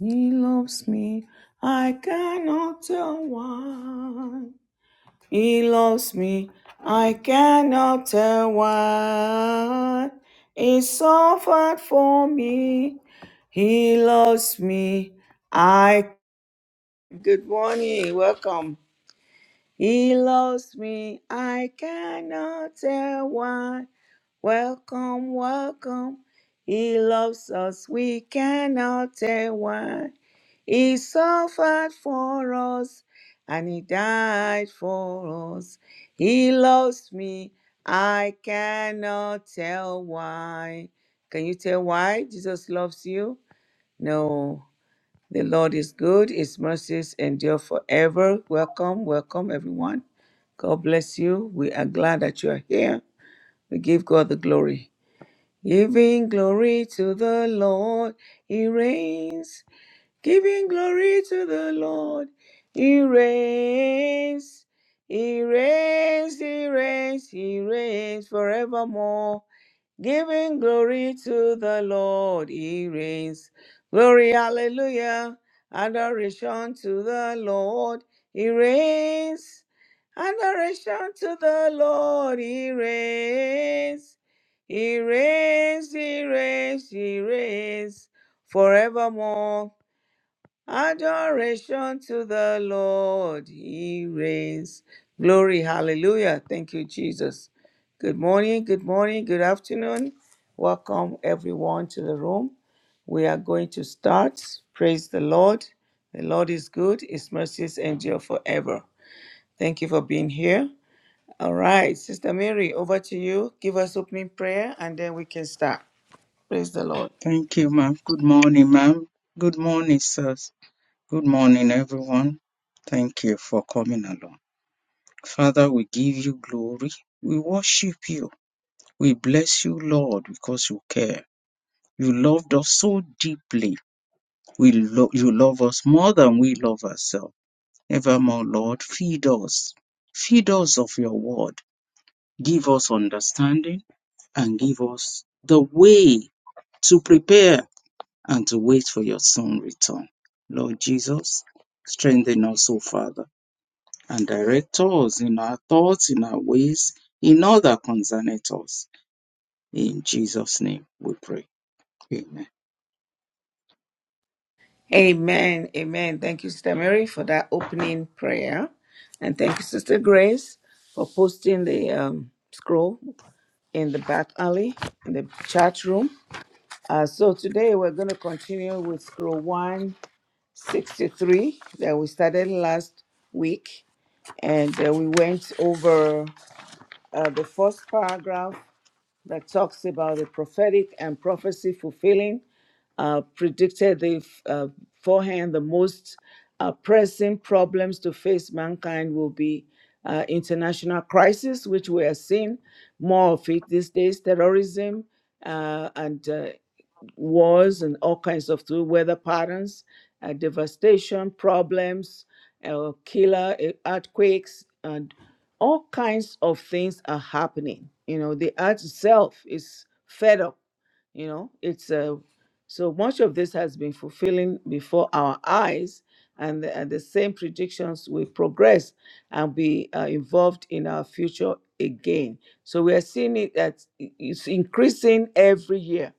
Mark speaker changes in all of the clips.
Speaker 1: He loves me. I cannot tell why. He loves me. I cannot tell why. He suffered for me. He loves me. I. Good morning. Welcome. He loves me. I cannot tell why. Welcome, welcome. He loves us, we cannot tell why. He suffered for us and he died for us. He loves me, I cannot tell why. Can you tell why Jesus loves you? No. The Lord is good, his mercies endure forever. Welcome, welcome, everyone. God bless you. We are glad that you are here. We give God the glory. Giving glory to the Lord, He reigns giving glory to the Lord. He reigns, He reigns, He reigns, He reigns forevermore. Giving glory to the Lord, He reigns. Glory, hallelujah, adoration to the Lord, He reigns. Adoration to the Lord, He reigns. He reigns, He reigns, He reigns forevermore. Adoration to the Lord. He reigns. Glory. Hallelujah. Thank you, Jesus. Good morning. Good morning. Good afternoon. Welcome everyone to the room. We are going to start. Praise the Lord. The Lord is good. His mercies endure forever. Thank you for being here. All right, Sister Mary, over to you. Give us opening prayer and then we can start. Praise the Lord.
Speaker 2: Thank you, ma'am. Good morning, ma'am. Good morning, sirs. Good morning, everyone. Thank you for coming along. Father, we give you glory. We worship you. We bless you, Lord, because you care. You loved us so deeply. We lo- you love us more than we love ourselves. Evermore, Lord, feed us. Feed us of your word. Give us understanding and give us the way to prepare and to wait for your soon return. Lord Jesus, strengthen us, O Father, and direct us in our thoughts, in our ways, in all that concerneth us. In Jesus' name we pray. Amen.
Speaker 1: Amen. Amen. Thank you, Sister Mary, for that opening prayer. And thank you, Sister Grace, for posting the um, scroll in the back alley, in the chat room. Uh, so today we're going to continue with scroll 163 that we started last week. And uh, we went over uh, the first paragraph that talks about the prophetic and prophecy fulfilling, uh, predicted the f- uh, forehand the most uh, pressing problems to face mankind will be uh, international crisis, which we are seeing more of it these days, terrorism uh, and uh, wars and all kinds of through weather patterns, uh, devastation, problems, uh, killer uh, earthquakes, and all kinds of things are happening. You know, the earth itself is fed up. You know, it's uh, so much of this has been fulfilling before our eyes, and the, and the same predictions will progress and be uh, involved in our future again. So we are seeing it that it's increasing every year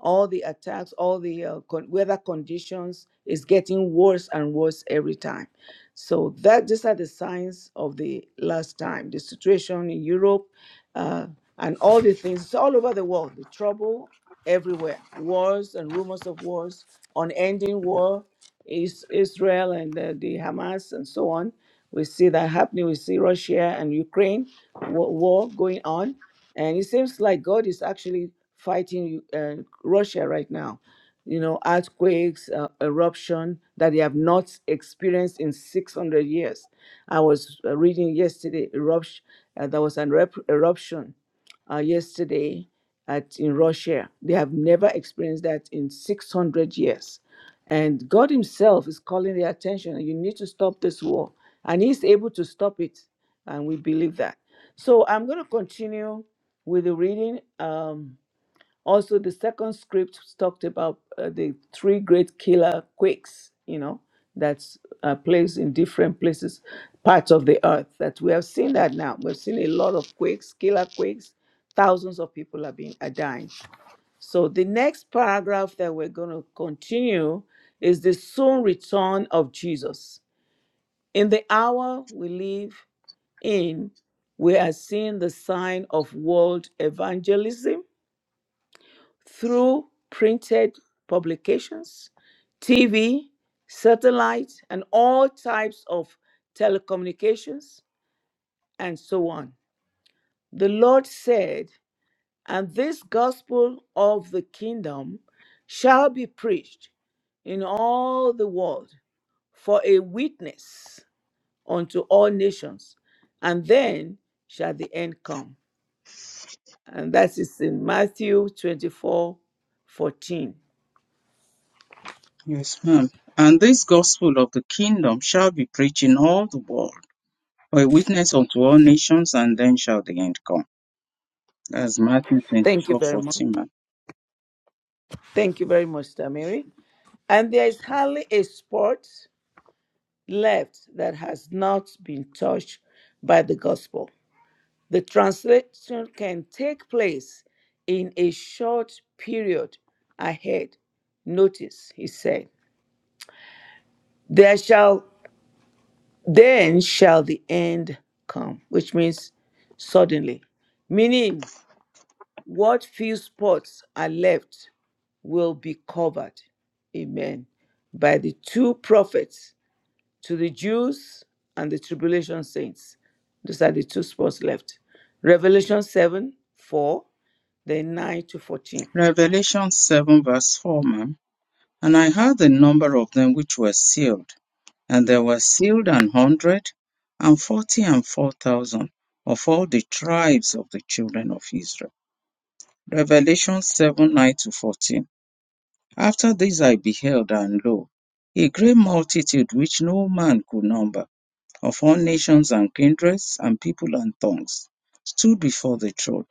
Speaker 1: all the attacks, all the uh, con- weather conditions is getting worse and worse every time. So that these are the signs of the last time. The situation in Europe uh, and all the things it's all over the world. The trouble everywhere. Wars and rumors of wars, unending war, is Israel and uh, the Hamas and so on. We see that happening. We see Russia and Ukraine wa- war going on. And it seems like God is actually fighting U- uh, Russia right now. You know, earthquakes, uh, eruption that they have not experienced in 600 years. I was uh, reading yesterday, eruption, uh, there was an rep- eruption uh, yesterday at in Russia. They have never experienced that in 600 years. And God Himself is calling their attention. You need to stop this war. And He's able to stop it. And we believe that. So I'm going to continue with the reading. Um, also, the second script talked about uh, the three great killer quakes, you know, that's uh, placed in different places, parts of the earth. That we have seen that now. We've seen a lot of quakes, killer quakes. Thousands of people have been are dying so the next paragraph that we're going to continue is the soon return of Jesus. In the hour we live in, we are seeing the sign of world evangelism through printed publications, TV, satellite, and all types of telecommunications, and so on. The Lord said, And this gospel of the kingdom shall be preached in all the world for a witness unto all nations, and then shall the end come. And that is in Matthew 24, 14.
Speaker 2: Yes, ma'am. And this gospel of the kingdom shall be preached in all the world for a witness unto all nations, and then shall the end come. That's Matthew
Speaker 1: Thank you
Speaker 2: twenty-four
Speaker 1: very much.
Speaker 2: fourteen, ma'am.
Speaker 1: Thank you very much, Tamiri. And there is hardly a spot left that has not been touched by the gospel. The translation can take place in a short period ahead. Notice, he said, There shall then shall the end come, which means suddenly. Meaning, what few spots are left will be covered, amen, by the two prophets to the Jews and the tribulation saints. Those are the two spots left. Revelation 7 4, then 9 to 14.
Speaker 2: Revelation 7, verse 4, ma'am. And I heard the number of them which were sealed, and there were sealed an hundred and forty and four thousand of all the tribes of the children of Israel. Revelation 7 9 to 14. After this I beheld, and lo, a great multitude which no man could number of all nations and kindreds and people and tongues stood before the throne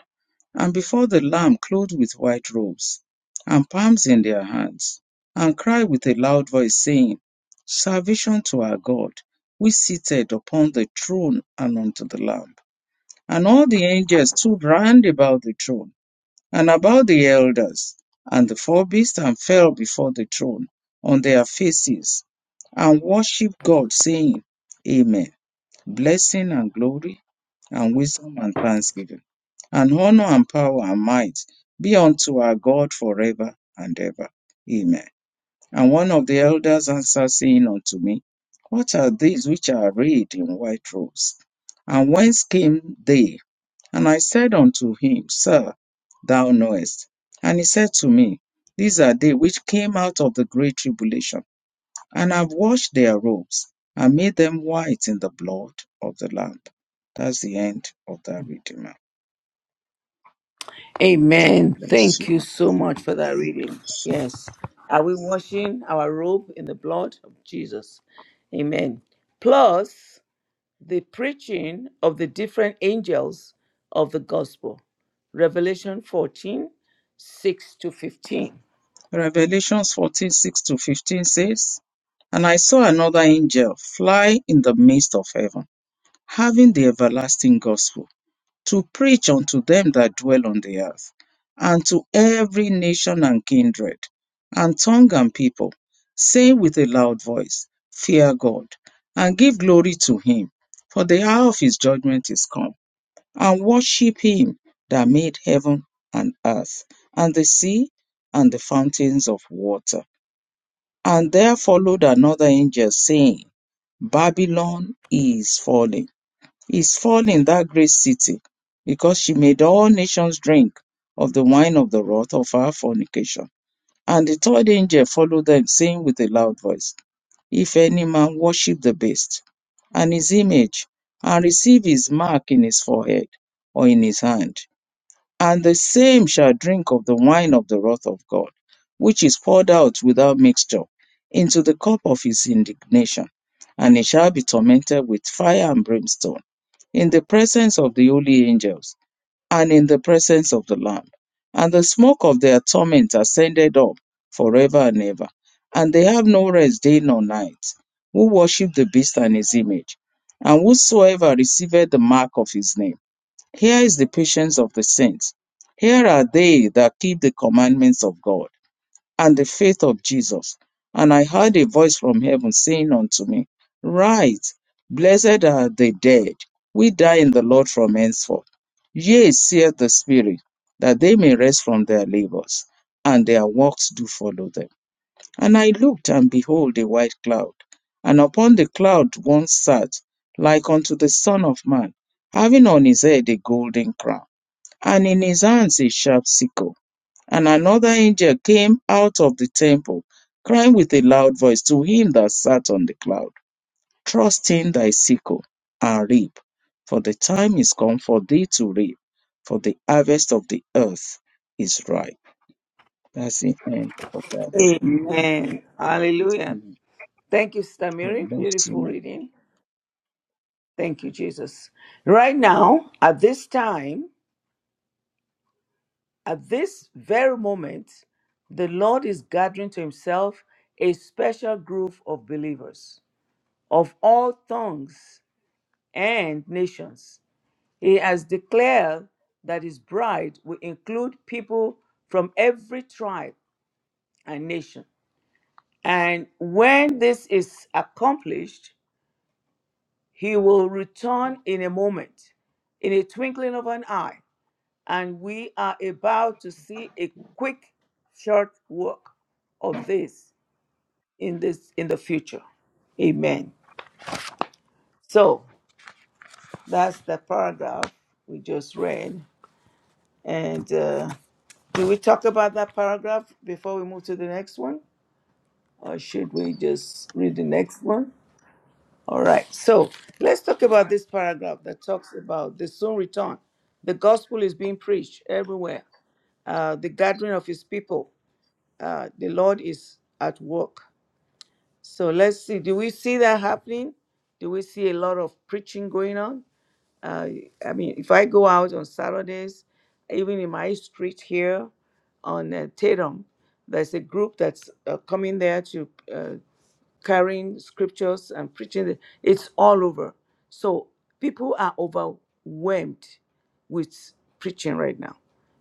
Speaker 2: and before the Lamb clothed with white robes and palms in their hands, and cried with a loud voice, saying, Salvation to our God, which sitteth upon the throne and unto the Lamb. And all the angels stood round about the throne and about the elders and the four beasts and fell before the throne on their faces and worshipped God, saying, Amen blessing and glory, and wisdom and thanksgiving, and honor and power and might be unto our God forever and ever. Amen. And one of the elders answered, saying unto me, What are these which are arrayed in white robes? And whence came they? And I said unto him, Sir, thou knowest. And he said to me, These are they which came out of the great tribulation and have washed their robes and made them white in the blood of the Lamb. That's the end of that reading. ma'am.
Speaker 1: Amen.
Speaker 2: Bless you.
Speaker 1: Thank you so much for that reading.
Speaker 2: bless you.
Speaker 1: Yes. Are we washing our robe in the blood of Jesus? Amen. Plus, the preaching of the different angels of the gospel. Revelation 14 6 to 15.
Speaker 2: Revelations 14 six to 15 says, And I saw another angel fly in the midst of heaven, having the everlasting gospel to preach unto them that dwell on the earth, and to every nation and kindred, and tongue and people, saying with a loud voice, Fear God, and give glory to him, for the hour of his judgment is come, and worship him that made heaven and earth, and the sea, and the fountains of water. And there followed another angel, saying, Babylon is fallen is fallen, that great city, because she made all nations drink of the wine of the wrath of her fornication. And the third angel followed them, saying with a loud voice, If any man worship the beast and his image, and receive his mark in his forehead or in his hand, and the same shall drink of the wine of the wrath of God, which is poured out without mixture into the cup of his indignation. And he shall be tormented with fire and brimstone in the presence of the holy angels and in the presence of the Lamb. And the smoke of their torment ascended up forever and ever. And they have no rest day nor night, who worship the beast and his image, and whosoever receiveth the mark of his name here is the patience of the saints. Here are they that keep the commandments of God and the faith of Jesus. And I heard a voice from heaven saying unto me, Write, blessed are the dead, we die in the Lord from henceforth. Yea, saith the Spirit, that they may rest from their labors, and their works do follow them. And I looked, and behold, a white cloud. And upon the cloud one sat, like unto the Son of Man, having on his head a golden crown, and in his hands a sharp sickle. And another angel came out of the temple, crying with a loud voice to him that sat on the cloud, Trust in thy sickle, and reap, for the time is come for thee to reap, for the harvest of the earth is ripe. That's the end of that. reading.
Speaker 1: Amen. Hallelujah.
Speaker 2: Mm.
Speaker 1: Thank you, Sister Mary.
Speaker 2: God you,
Speaker 1: Beautiful
Speaker 2: man.
Speaker 1: reading. Thank you, Jesus. Right now, at this time, at this very moment, the Lord is gathering to himself a special group of believers of all tongues and nations. He has declared that his bride will include people from every tribe and nation. And when this is accomplished, He will return in a moment, in a twinkling of an eye, and we are about to see a quick, short work of this in this in the future. Amen. So that's the paragraph we just read. And uh, do we talk about that paragraph before we move to the next one, or should we just read the next one? All right. So let's talk about this paragraph that talks about the soon return. The gospel is being preached everywhere. Uh, the gathering of his people. Uh, the Lord is at work. So let's see. Do we see that happening? Do we see a lot of preaching going on? Uh, I mean, if I go out on Saturdays, even in my street here on uh, Tatum, there's a group that's uh, coming there to uh, carrying scriptures and preaching. the- It's all over. So people are overwhelmed with preaching right now.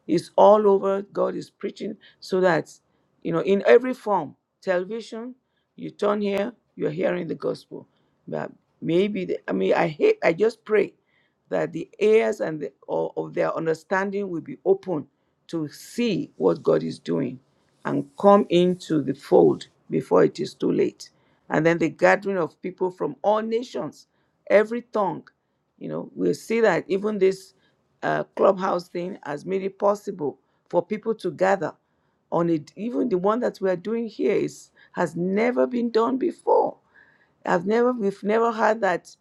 Speaker 1: It's all over. God is preaching so that, you know, in every form, television, you turn here, you're hearing the gospel. But maybe, the, I mean, I hate, I just pray that the ears and the, of of their understanding will be open to see what God is doing and come into the fold before it is too late. And then the gathering of people from all nations, every tongue, you know, we'll see that even this uh, clubhouse thing has made it possible for people to gather on it. Even the one that we are doing here is has never been done before. I've never, we've never had that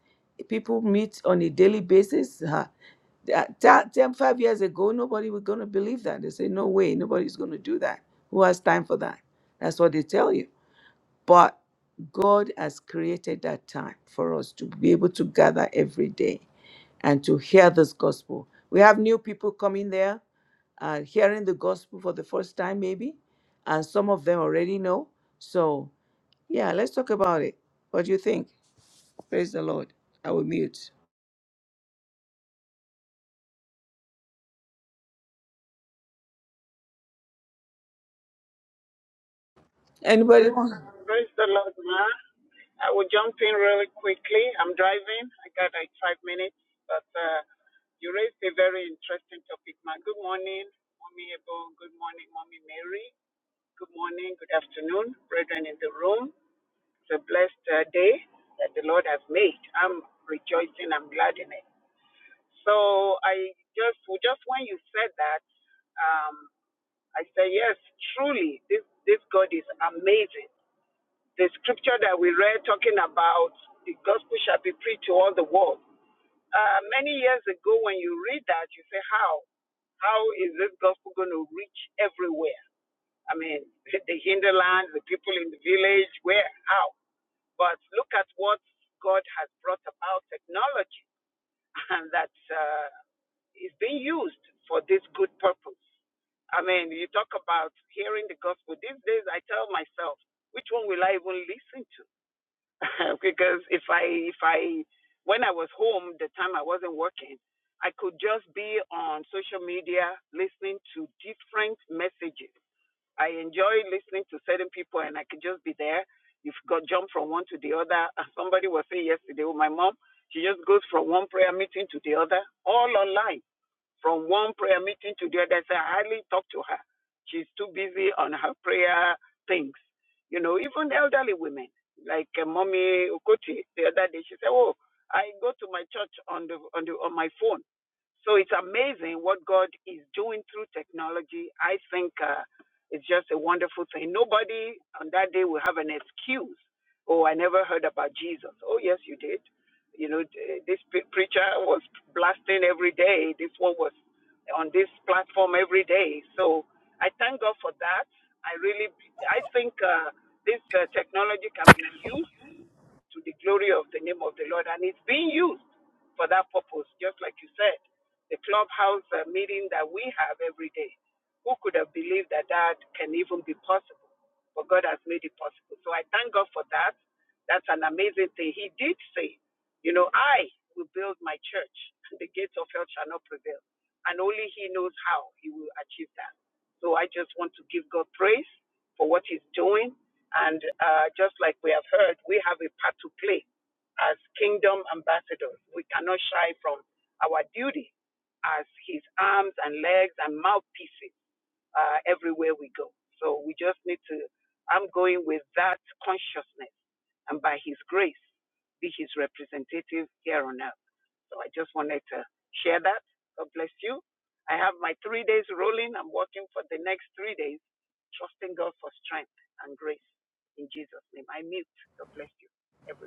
Speaker 1: people meet on a daily basis. Uh, that- that- 10, five years ago, nobody was going to believe that. They say, no way, nobody's going to do that. Who has time for that? That's what they tell you. But God has created that time for us to be able to gather every day and to hear this gospel. We have new people coming there uh, hearing the gospel for the first time, maybe, and some of them already know. So, yeah, let's talk about it. What do you think? Praise the Lord. I will mute. Anybody? want-
Speaker 3: Praise the Lord, Ma. I will jump in really quickly. I'm driving. I got like five minutes, but uh, you raised a very interesting topic, Ma. Good morning, Mommy Ebo. Good morning, Mommy Mary. Good morning, good afternoon, brethren in the room. It's a blessed uh, day that the Lord has made. I'm rejoicing. I'm glad in it. So I just, well, just when you said that, um, I say yes, truly, this this God is amazing the scripture that we read talking about the gospel shall be preached to all the world. Uh, many years ago, when you read that, you say, How? How is this gospel going to reach everywhere? I mean, the hinterland, the people in the village, where? How? But look at what God has brought about technology and that uh, is being used for this good purpose. I mean, you talk about hearing the gospel. These days, I tell myself, which one will I even listen to? because if I if I when I was home the time I wasn't working, I could just be on social media listening to different messages. I enjoy listening to certain people and I could just be there. You've got jump from one to the other. Somebody was saying yesterday, oh my mom, she just goes from one prayer meeting to the other, all online from one prayer meeting to the other, I I hardly talk to her. She's too busy on her prayer things. You know, even elderly women, like uh, Mommy Okoti the other day, she said, Oh, I go to my church on the on the on my phone. So it's amazing what God is doing through technology. I think uh, it's just a wonderful thing. Nobody on that day will have an excuse. Oh, I never heard about Jesus. Oh, yes, you did. You know, this preacher was blasting every day. This one was on this platform every day. So I thank God for that. I really, I think uh, this uh, technology can be used to the glory of the name of the Lord. And it's being used for that purpose, just like you said, the clubhouse uh, meeting that we have every day. Who could have believed that that can even be possible? But God has made it possible. So I thank God for that. That's an amazing thing. He did say, you know, I will build my church, and the gates of hell shall not prevail. And only He knows how He will achieve that. So I just want to give God praise for what He's doing. And uh, just like we have heard, we have a part to play as kingdom ambassadors. We cannot shy from our duty as His arms and legs and mouthpieces uh, everywhere we go. So we just need to, I'm going with that consciousness and by His grace, be His representative here on earth. So I just wanted to share that. God bless you. I have my three days rolling. I'm working for the next three days, trusting God for strength and grace in Jesus' name. I mute. God bless you, everyone.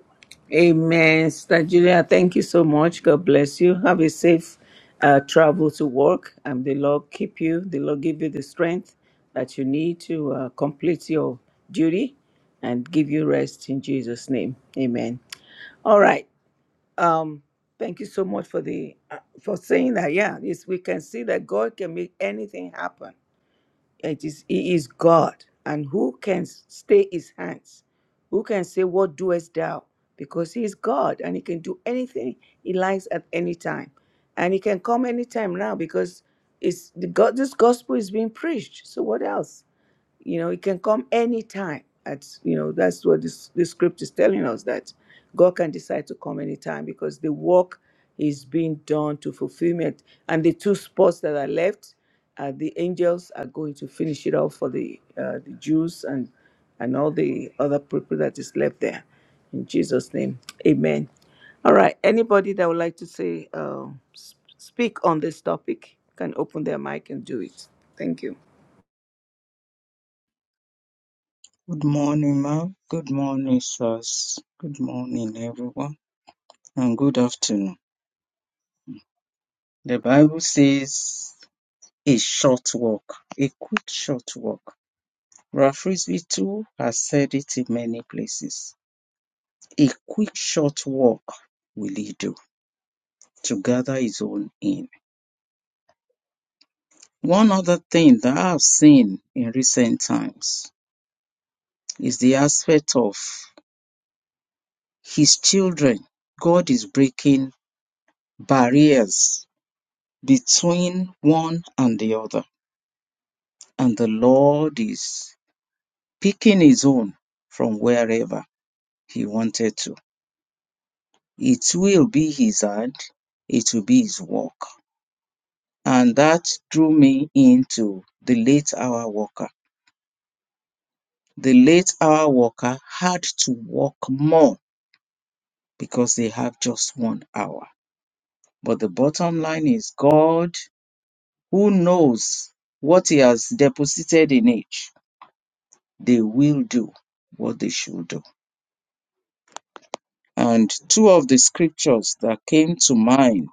Speaker 1: Amen. Sister Julia, thank you so much. God bless you. Have a safe uh, travel to work, and the Lord keep you. The Lord give you the strength that you need to uh, complete your duty and give you rest in Jesus' name. Amen. All right. Um, thank you so much for the uh, for saying that. Yeah, this we can see that God can make anything happen. It is He is God, and who can stay His hands? Who can say, "What doest thou?" Because He is God, and He can do anything He likes at any time, and He can come anytime now because it's the God. This gospel is being preached. So what else? You know, it can come anytime. At you know, that's what this the script is telling us that God can decide to come anytime because the work is being done to fulfillment. And the two spots that are left, uh, the angels are going to finish it off for the uh, the Jews and and all the other people that is left there. In Jesus' name, Amen. All right. Anybody that would like to say, uh, s- speak on this topic can open their mic and do it. Thank you.
Speaker 2: Good morning, ma'am. Good morning, sirs. Good morning, everyone. And good afternoon. The Bible says a short walk, a quick short walk. Ralph Frisbee too has said it in many places. A quick short walk will he do to gather his own in. One other thing that I've seen in recent times is the aspect of his children. God is breaking barriers between one and the other. And the Lord is picking his own from wherever he wanted to. It will be his hand, it will be his work. And that drew me into the late hour worker. The late hour worker had to work more because they have just one hour. But the bottom line is God, who knows what he has deposited in each, they will do what they should do And two of the scriptures that came to mind,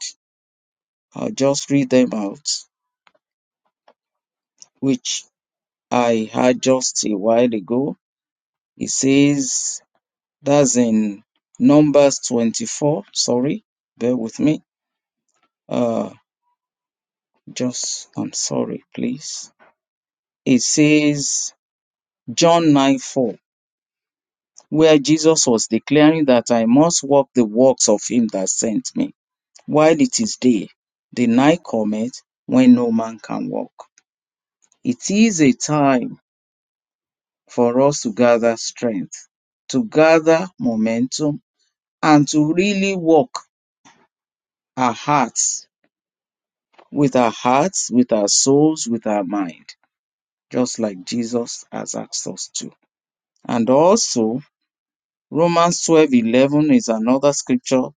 Speaker 2: I'll just read them out, which I had just a while ago. It says, that's in Numbers 24. Sorry, bear with me. Uh, just, I'm sorry, please. It says, John 9 4, where Jesus was declaring that I must walk the works of him that sent me while it is day. The night cometh when no man can walk. It is a time for us to gather strength, to gather momentum, and to really walk our hearts with our hearts, with our souls, with our mind, just like Jesus has asked us to. And also, Romans twelve eleven is another scripture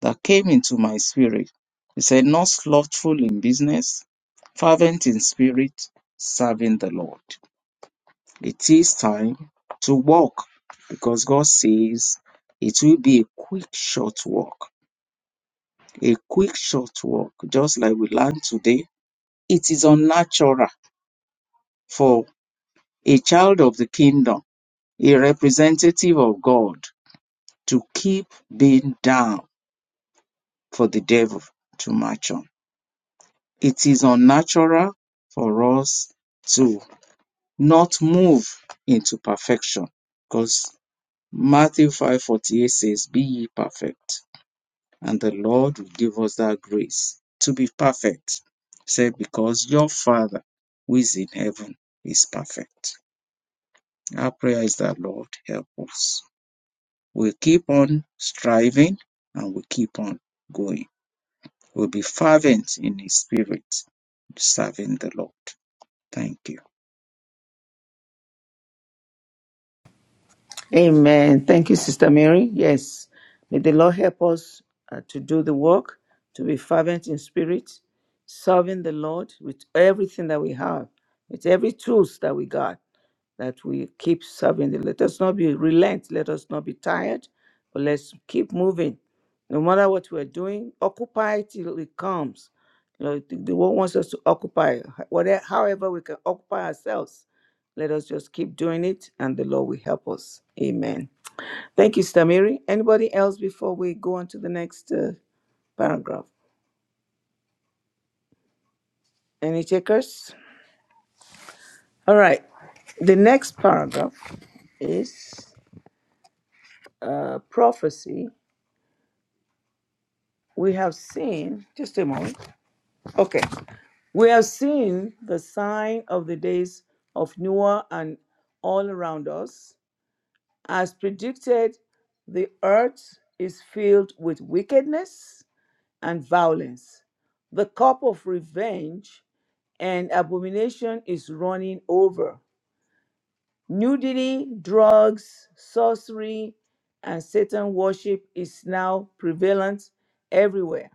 Speaker 2: that came into my spirit. It said, Not slothful in business, fervent in spirit, serving the Lord. It is time to walk because God says it will be a quick, short walk. A quick, short walk, just like we learned today. It is unnatural for a child of the kingdom, a representative of God, to keep being down for the devil to march on. It is unnatural for us to not move into perfection because Matthew 5:48 says, Be ye perfect and the Lord will give us that grace to be perfect. Say, because your Father who is in heaven is perfect. Our prayer is that Lord help us. We'll keep on striving and we'll keep on going. We'll be fervent in His Spirit, serving the Lord. Thank you.
Speaker 1: Amen. Thank you, Sister Mary. Yes. May the Lord help us uh, to do the work, to be fervent in spirit, serving the Lord with everything that we have, with every tools that we got that we keep serving the let us not be relent let us not be tired but let's keep moving no matter what we're doing occupy till it comes you know the, the world wants us to occupy whatever however we can occupy ourselves let us just keep doing it and the lord will help us amen thank you stamiri anybody else before we go on to the next uh, paragraph any takers all right the next paragraph is uh, prophecy we have seen, just a moment. Okay. We have seen the sign of the days of Noah and all around us. As predicted, the earth is filled with wickedness and violence. The cup of revenge and abomination is running over. Nudity, drugs, sorcery, and Satan worship is now prevalent everywhere.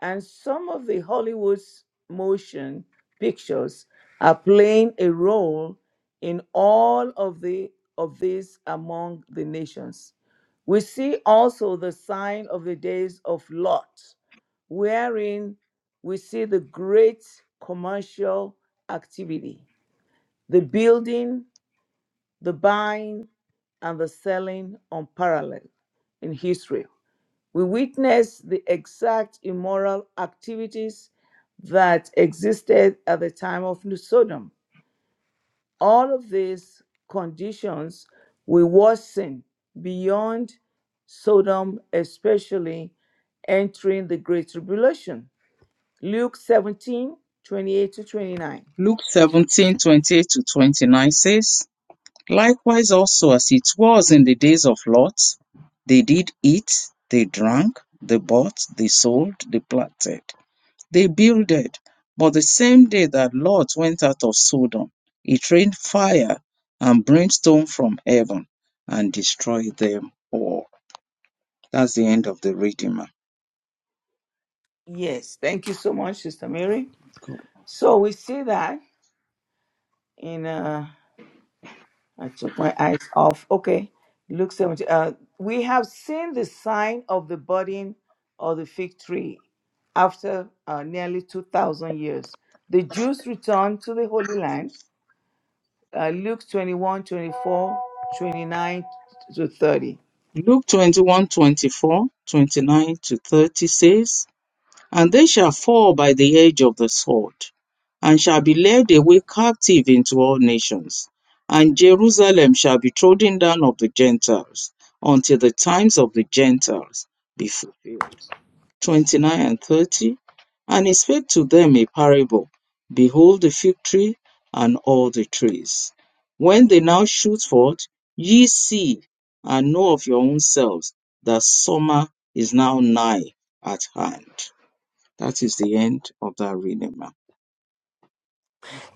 Speaker 1: and some of the Hollywood's motion pictures are playing a role in all of the of these among the nations. We see also the sign of the days of Lot, wherein we see the great commercial activity, the building, the buying, and the selling unparalleled in history. We witness the exact immoral activities that existed at the time of Sodom. All of these conditions will worsen beyond Sodom, especially entering the Great Tribulation. Luke 17 28 to 29.
Speaker 2: Luke 17 twenty-eight to 29 says, Likewise also as it was in the days of Lot, they did eat, they drank, they bought, they sold, they planted, they builded. But the same day that Lot went out of Sodom, it rained fire and brimstone from heaven and destroyed them all. That's the end of the reading. ma'am.
Speaker 1: Yes, thank you so much, Sister Mary. So we see that in uh, I took my eyes off. Okay. Luke 17. Uh, we have seen the sign of the budding of the fig tree after uh, nearly 2,000 years. The Jews returned to the Holy Land. Uh, Luke 21, 24, 29 to 30.
Speaker 2: Luke 21, 24, 29 to 30 says, And they shall fall by the edge of the sword, and shall be led away captive into all nations. And Jerusalem shall be trodden down of the Gentiles, until the times of the Gentiles be fulfilled. 29 and 30. And he spake to them a parable Behold the fig tree and all the trees. When they now shoot forth, ye see and know of your own selves that summer is now nigh at hand. That is the end of that reading, ma'am.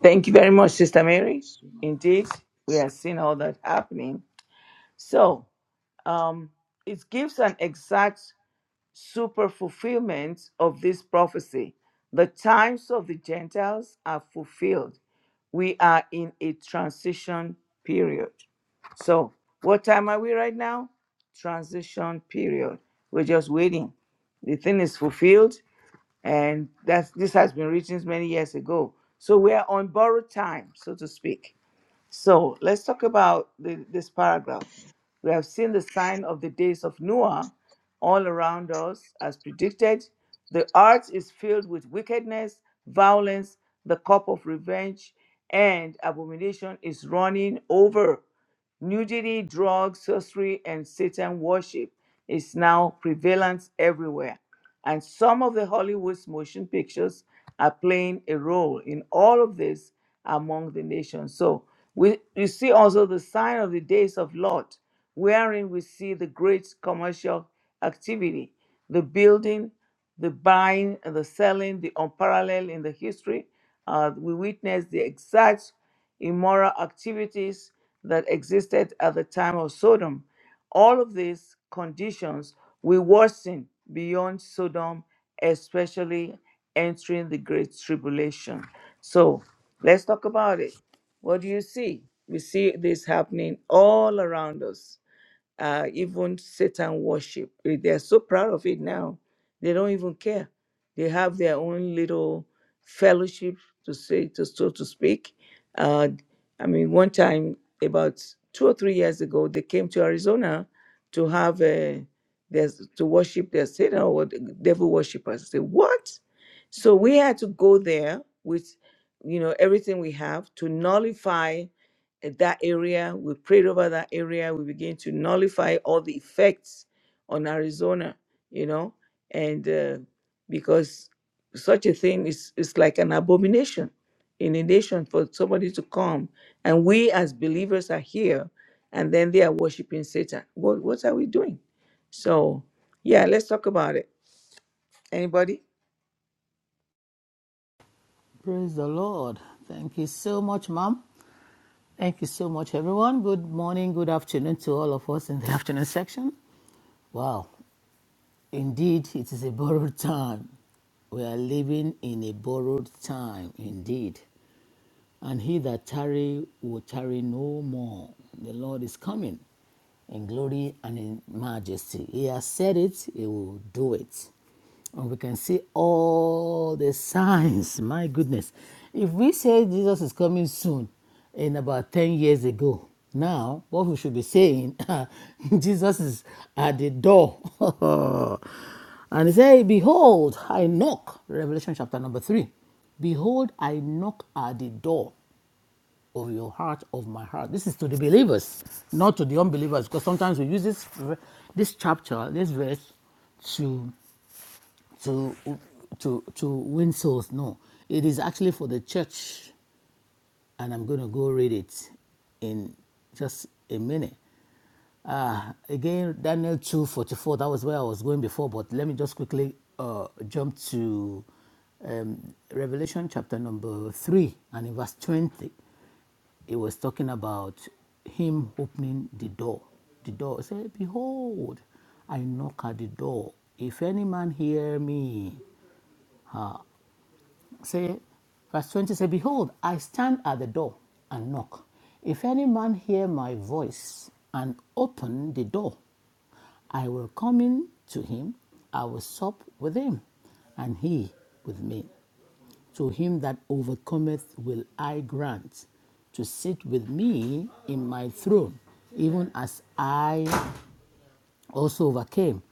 Speaker 1: Thank you very much, Sister Mary.
Speaker 2: Yes, ma'am.
Speaker 1: Indeed, we are seeing all that happening. So um, it gives an exact super fulfillment of this prophecy. The times of the Gentiles are fulfilled. We are in a transition period. So, what time are we right now? Transition period. We're just waiting. The thing is fulfilled, and that's this has been written many years ago. So we are on borrowed time, so to speak. So let's talk about the, this paragraph. We have seen the sign of the days of Noah all around us as predicted. The earth is filled with wickedness, violence, the cup of revenge, and abomination is running over. Nudity, drugs, sorcery, and Satan worship is now prevalent everywhere. And some of the Hollywood's motion pictures are playing a role in all of this among the nations. So we, we see also the sign of the days of Lot, wherein we see the great commercial activity, the building, the buying, and the selling, the unparalleled in the history. Uh, we witness the exact immoral activities that existed at the time of Sodom. All of these conditions will worsen beyond Sodom, especially entering the Great Tribulation. So let's talk about it. What do you see? We see this happening all around us uh, even Satan worship. Eh, They are so proud of it now. They don't even care. They have their own little fellowship to say, to so to speak. Uh, I mean, one time about two or three years ago, they came to Arizona to have a their, to worship their Satan or the devil worshippers. I say what? So we had to go there with you know everything we have to nullify eh, that area. We prayed over that area. We begin to nullify all the effects on Arizona, you know, and uh, because such a thing is is like an abomination in a nation for somebody to come, and we as believers are here, and then they are worshiping Satan. What what are we doing? So yeah, let's talk about it. Anybody?
Speaker 4: Praise the Lord. Thank you so much, Mom. Thank you so much, everyone. Good morning, good afternoon to all of us in the afternoon section. Wow, indeed, it is a borrowed time. We are living in a borrowed time, indeed. And he that tarry will tarry no more. The Lord is coming in glory and in majesty. He has said it, he will do it. And we can see all the signs. My goodness. If we say Jesus is coming soon, in about 10 years ago, now what we should be saying, Jesus is at the door. and he said, Behold, I knock. Revelation chapter number 3. Behold, I knock at the door of your heart, of my heart. This is to the believers, not to the unbelievers, because sometimes we use this this chapter, this verse, to to to to win souls. No, it is actually for the church, and I'm going to go read it in just a minute. Uh, again, Daniel 2.44, that was where I was going before, but let me just quickly uh, jump to um, Revelation chapter number 3 and in verse 20. It was talking about him opening the door. The door it said, Behold, I knock at the door. If any man hear me, say, verse 20 say, Behold, I stand at the door and knock. If any man hear my voice and open the door, I will come in to him, I will sup with him, and he with me. To him that overcometh will I grant to sit with me in my throne, even as I also overcame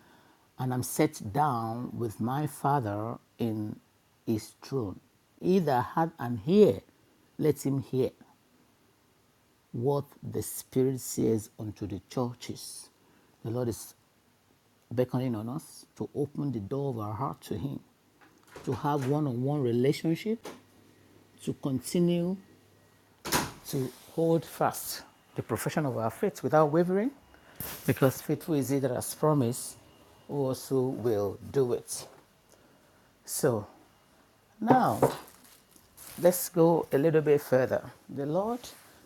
Speaker 4: and am set down with my Father in his throne. He that hath an ear, let him hear what the Spirit says unto the churches. The Lord is beckoning on us to open the door of our heart to Him, to have one on one relationship, to continue to hold fast the profession of our faith without wavering, because faithful is He that has promised, who also will do it. So now let's go a little bit further. The Lord,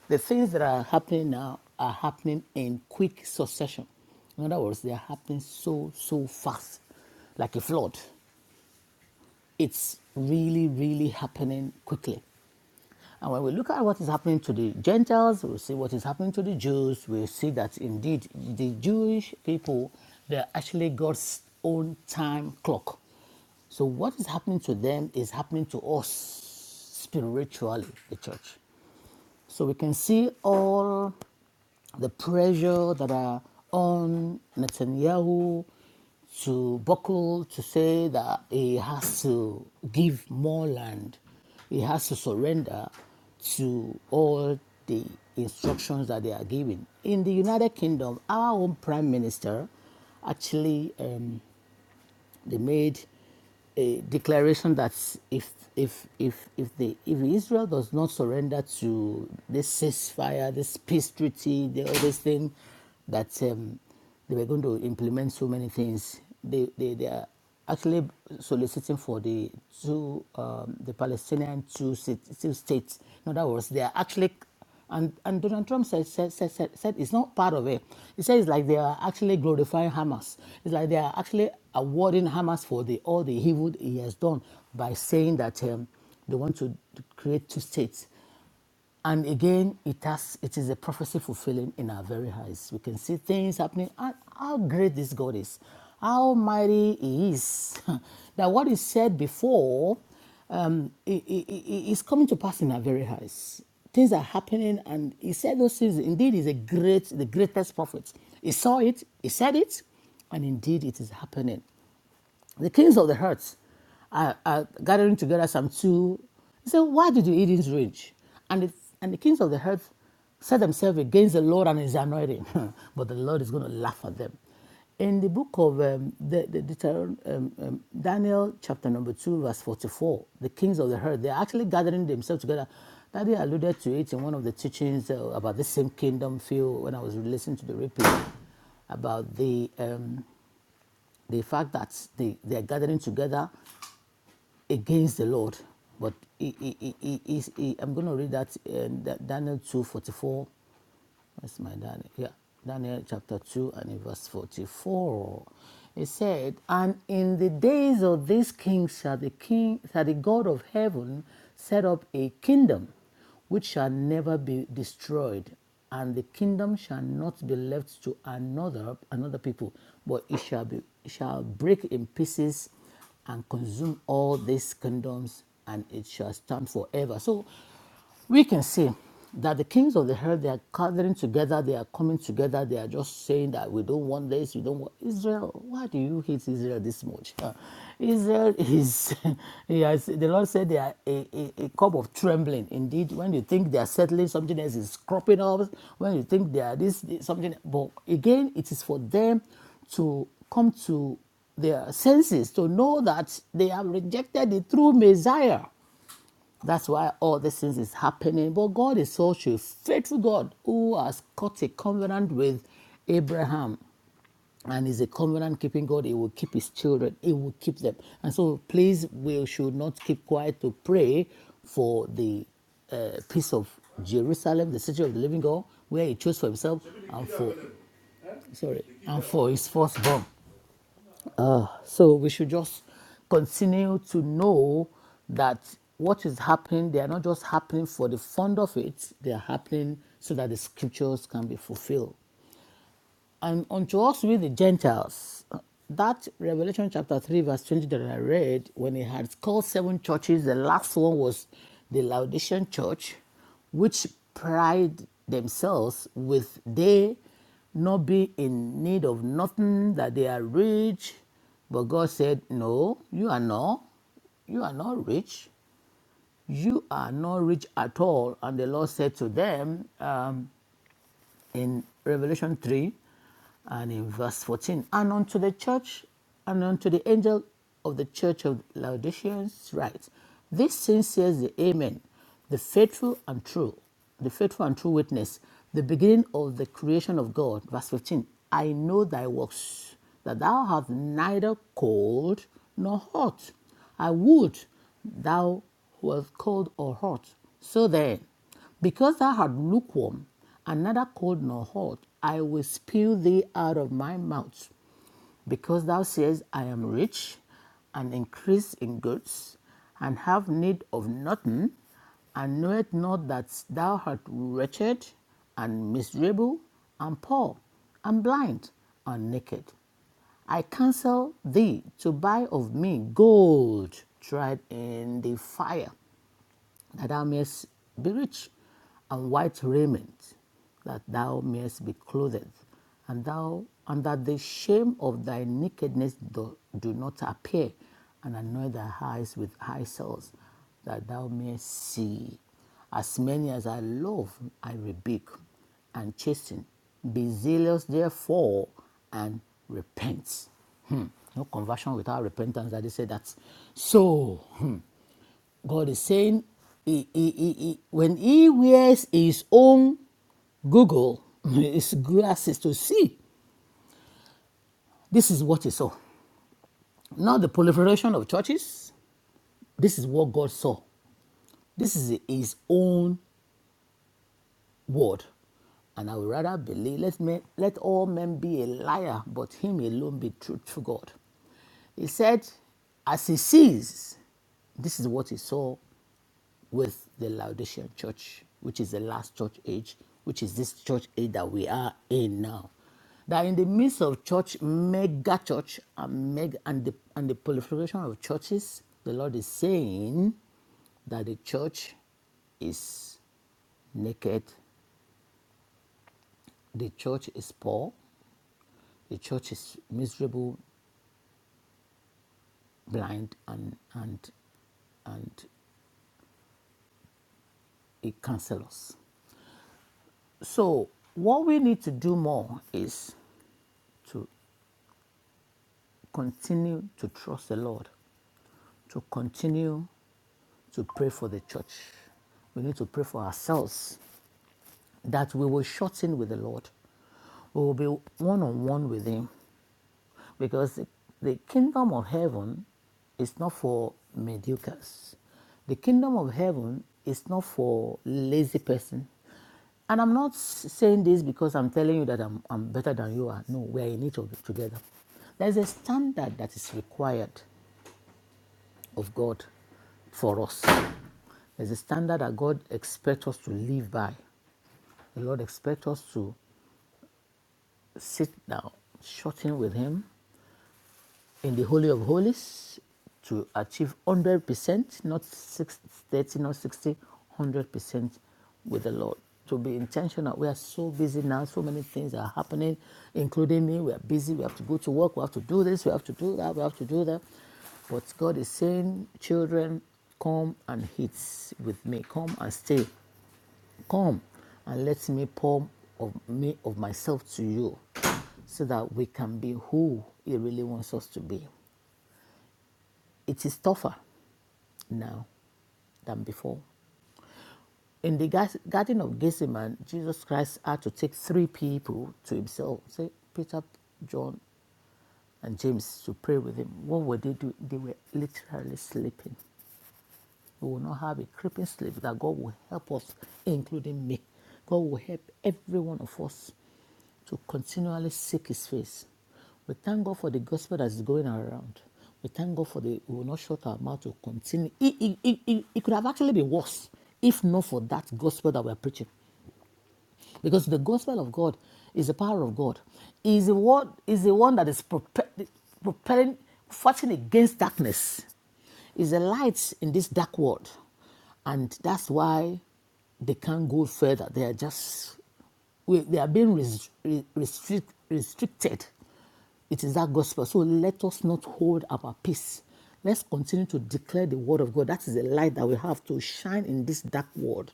Speaker 4: the things that are happening now are happening in quick succession. In other words, they are happening so, so fast, like a flood. it's really, really happening quickly. And when we look at what is happening to the Gentiles, we see what is happening to the Jews, we see that indeed the Jewish people, they're actually God's own time clock. So what is happening to them is happening to us spiritually, the church. So we can see all the pressure that are on Netanyahu to buckle to say that he has to give more land, he has to surrender to all the instructions that they are giving. In the United Kingdom, our own prime minister actually um, they made a declaration that if if if if the if Israel does not surrender to this ceasefire, this peace treaty, the, other thing, that um, they were going to implement so many things. They they they are actually soliciting for the two, um, the Palestinian two, sit- two states. In other words, they are actually, and, and Donald Trump said, said, said, said, said it's not part of it. He said it's like they are actually glorifying Hamas. It's like they are actually awarding Hamas for the, all the evil he has done by saying that um, they want to create two states. And again, it has it is a prophecy fulfilling in our very eyes. We can see things happening. how great this God is, how mighty He is. that what He said before um, i- i- i- is coming to pass in our very eyes. Things are happening, and He said those things. Indeed, He's a great, the greatest prophet. He saw it, He said it, and indeed it is happening. The kings of the hearts are, are gathering together some two. He said, Why did you eat in rage? And, the and the kings of the earth set themselves against the Lord and his anointing. but the Lord is going to laugh at them. In the book of um, the, the Deuteron- um, um, Daniel, chapter number 2, verse 44, the kings of the earth, they're actually gathering themselves together. Daddy alluded to it in one of the teachings uh, about the same kingdom feel when I was listening to the replay about the um, the fact that they, they are gathering together against the Lord. But he, he, he, he, he- I'm going to read that in Daniel two forty four that's my Daniel, Yeah. Daniel chapter 2 and verse 44. It said, And in the days of this king shall the king shall the God of heaven set up a kingdom which shall never be destroyed, and the kingdom shall not be left to another another people, but it shall be it shall break in pieces and consume all these kingdoms, and it shall stand forever. So we can see that the kings of the earth they are gathering together they are coming together they are just saying that we don't want this we don't want israel why do you hate israel this much Uh, israel is he has, the lord said they are a, a, a cup of trembling indeed when you think they are settling something else is cropping up when you think they are this, something but again it is for them to come to their senses to know that they have rejected the true messiah that's why all these things is happening. But God is such a faithful God who has cut a covenant with Abraham and is a covenant keeping God. He will keep his children, he will keep them. And so please, we should not keep quiet to pray for the uh, peace of Jerusalem, the city of the living God, where he chose for himself and for sorry and for his firstborn. So we should just continue to know that what is happening, they are not just happening for the fun of it, they are happening so that the scriptures can be fulfilled. And unto us with the Gentiles. That Revelation chapter 3, verse 20 that I read, when he had called seven churches, the last one was the Laodicean church, which pride themselves with they not be in need of nothing, that they are rich. But God said, No, you are not. You are not rich. You are not rich at all. And the Lord said to them, in Revelation 3 and in verse 14. And unto the church and unto the angel of the church of Laodiceans write, This sin says the Amen, the faithful and true, the faithful and true witness, the beginning of the creation of God. Verse 15. I know thy works, that thou art neither cold nor hot. I would thou wert cold or hot. So then, because thou art lukewarm, and neither cold nor hot, I will spew thee out of my mouth. Because thou sayest, I am rich, and increase in goods, and have need of nothing, and knowest not that thou art wretched, and miserable, and poor, and blind, and naked. I counsel thee to buy of me gold tried in the fire that thou mayest be rich, and white raiment, that thou mayest be clothed, and thou and that the shame of thy nakedness do, do not appear, and anoint thy eyes with eye cells, that thou mayest see. As many as I love, I rebuke and chasten. Be zealous, therefore, and repent. No conversion without repentance. That they say that. So God is saying, he, he, he, he- when he wears his own Google, his glasses to see, this is what he saw. Not the proliferation of churches. This is what God saw. This is his own word. And I would rather believe, let, me, let all men be a liar, but him alone be truthful God. He said, as he sees, this is what he saw with the Laodicean church, which is the last church age, which is this church age that we are in now. That in the midst of church, mega church, and, mega, and, the, and the proliferation of churches, the Lord is saying that the church is naked, the church is poor, the church is miserable, blind, and, and, and it cancels. So, what we need to do more is continue to trust the Lord to continue to pray for the church. We need to pray for ourselves that we will shorten with the Lord. We will be one on one with Him because the kingdom of heaven is not for mediocres. The kingdom of heaven is not for lazy person. And I'm not saying this because I'm telling you that I'm, I'm better than you are. No, we are in it of- together. There's a standard that is required of God for us. There's a standard that God expects us to live by. The Lord expects us to sit down, shut in with Him, in the Holy of Holies to achieve 100%, not 60, not 60, one hundred percent with the Lord. To be intentional. We are so busy now, so many things are happening, including me. We are busy, we have to go to work, we have to do this, we have to do that, we have to do that. But God is saying, children, come and eat with me, come and stay, come and let me pour of me of myself to you so that we can be who he really wants us to be it is tougher now than before. In the Garden of Gethsemane, Jesus Christ had to take three people to himself, say Peter, John, and James, to pray with him. What were they doing? They were literally sleeping. We will not have a creeping sleep that God will help us, including me. God will help every one of us to continually seek His face. We thank God for the gospel that is going around. We thank God for the, we will not shut our mouth to continue. It, it, it, it, it could have actually been worse if not for that gospel that we're preaching. Because the gospel of God is the power of God, It is the one, it is the one that is prope- propelling, fighting against darkness, It is the light in this dark world. And that's why they can't go further. They are just we, they are being res- restrict, restricted. It is that gospel. So let us not hold our peace. Let's continue to declare the word of God. That is the light that we have to shine in this dark world.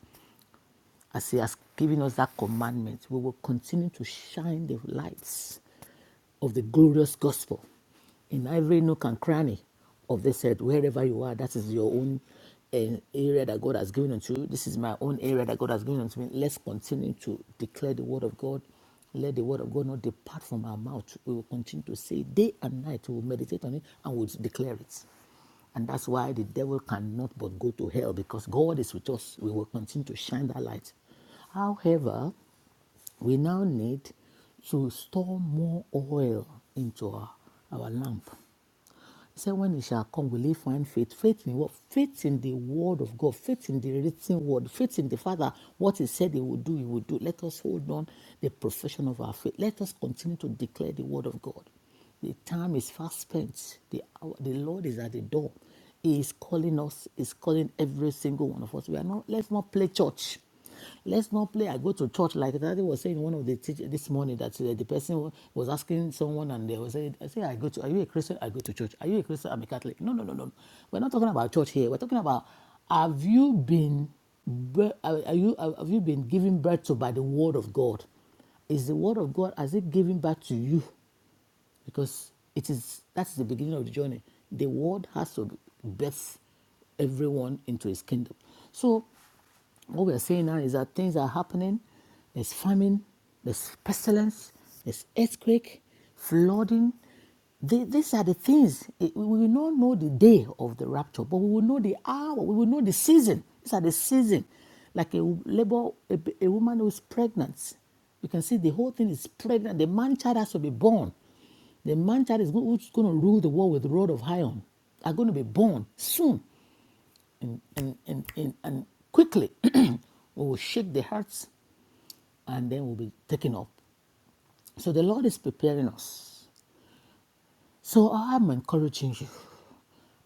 Speaker 4: As He has given us that commandment, we will continue to shine the lights of the glorious gospel in every nook and cranny of this earth, wherever you are, that is your own eh, area that God has given unto you. This is my own area that God has given unto me. Let's continue to declare the word of God. Let the word of God not depart from our mouth. We will continue to say day and night, we will meditate on it and we'll declare it. And that's why the devil cannot but go to hell because God is with us. We will continue to shine that light. However, we now need to store more oil into our, our lamp. He said, When it shall come, will he find faith? Faith in what? Faith in the word of God, faith in the written word, faith in the Father. What he said he would do, he would do. Let us hold on the profession of our faith. Let us continue to declare the word of God. The time is fast spent. The, hour, the Lord is at the door. He is calling us, He is calling every single one of us. We are not, let's not play church. Let's not play. I go to church like that. Daddy was saying one of the teach this morning that uh, the person was asking someone, and they were saying, "I say I go to. Are you a Christian? I go to church. Are you a Christian? I'm a Catholic. No, no, no, no. We're not talking about church here. We're talking about have you been, bir- are are you have you been given birth to by the word of God? Is the word of God has it given back to you? Because it is that's the beginning of the journey. The word has to birth everyone into His kingdom. So what we are saying now is that things are happening. There's famine, there's pestilence, there's earthquake, flooding. The- these are the things. It- we will not know the day of the rapture, but we will know the hour. We will know the season. These are the season. Like a labor, a, a woman who is pregnant. You can see the whole thing is pregnant. The man child has to be born. The man child is go- who's going to rule the world with the rod of iron. Are going to be born soon and, and, and, and, and quickly we will shake the hearts and then we'll be taken up. So the Lord is preparing us. So I'm encouraging you.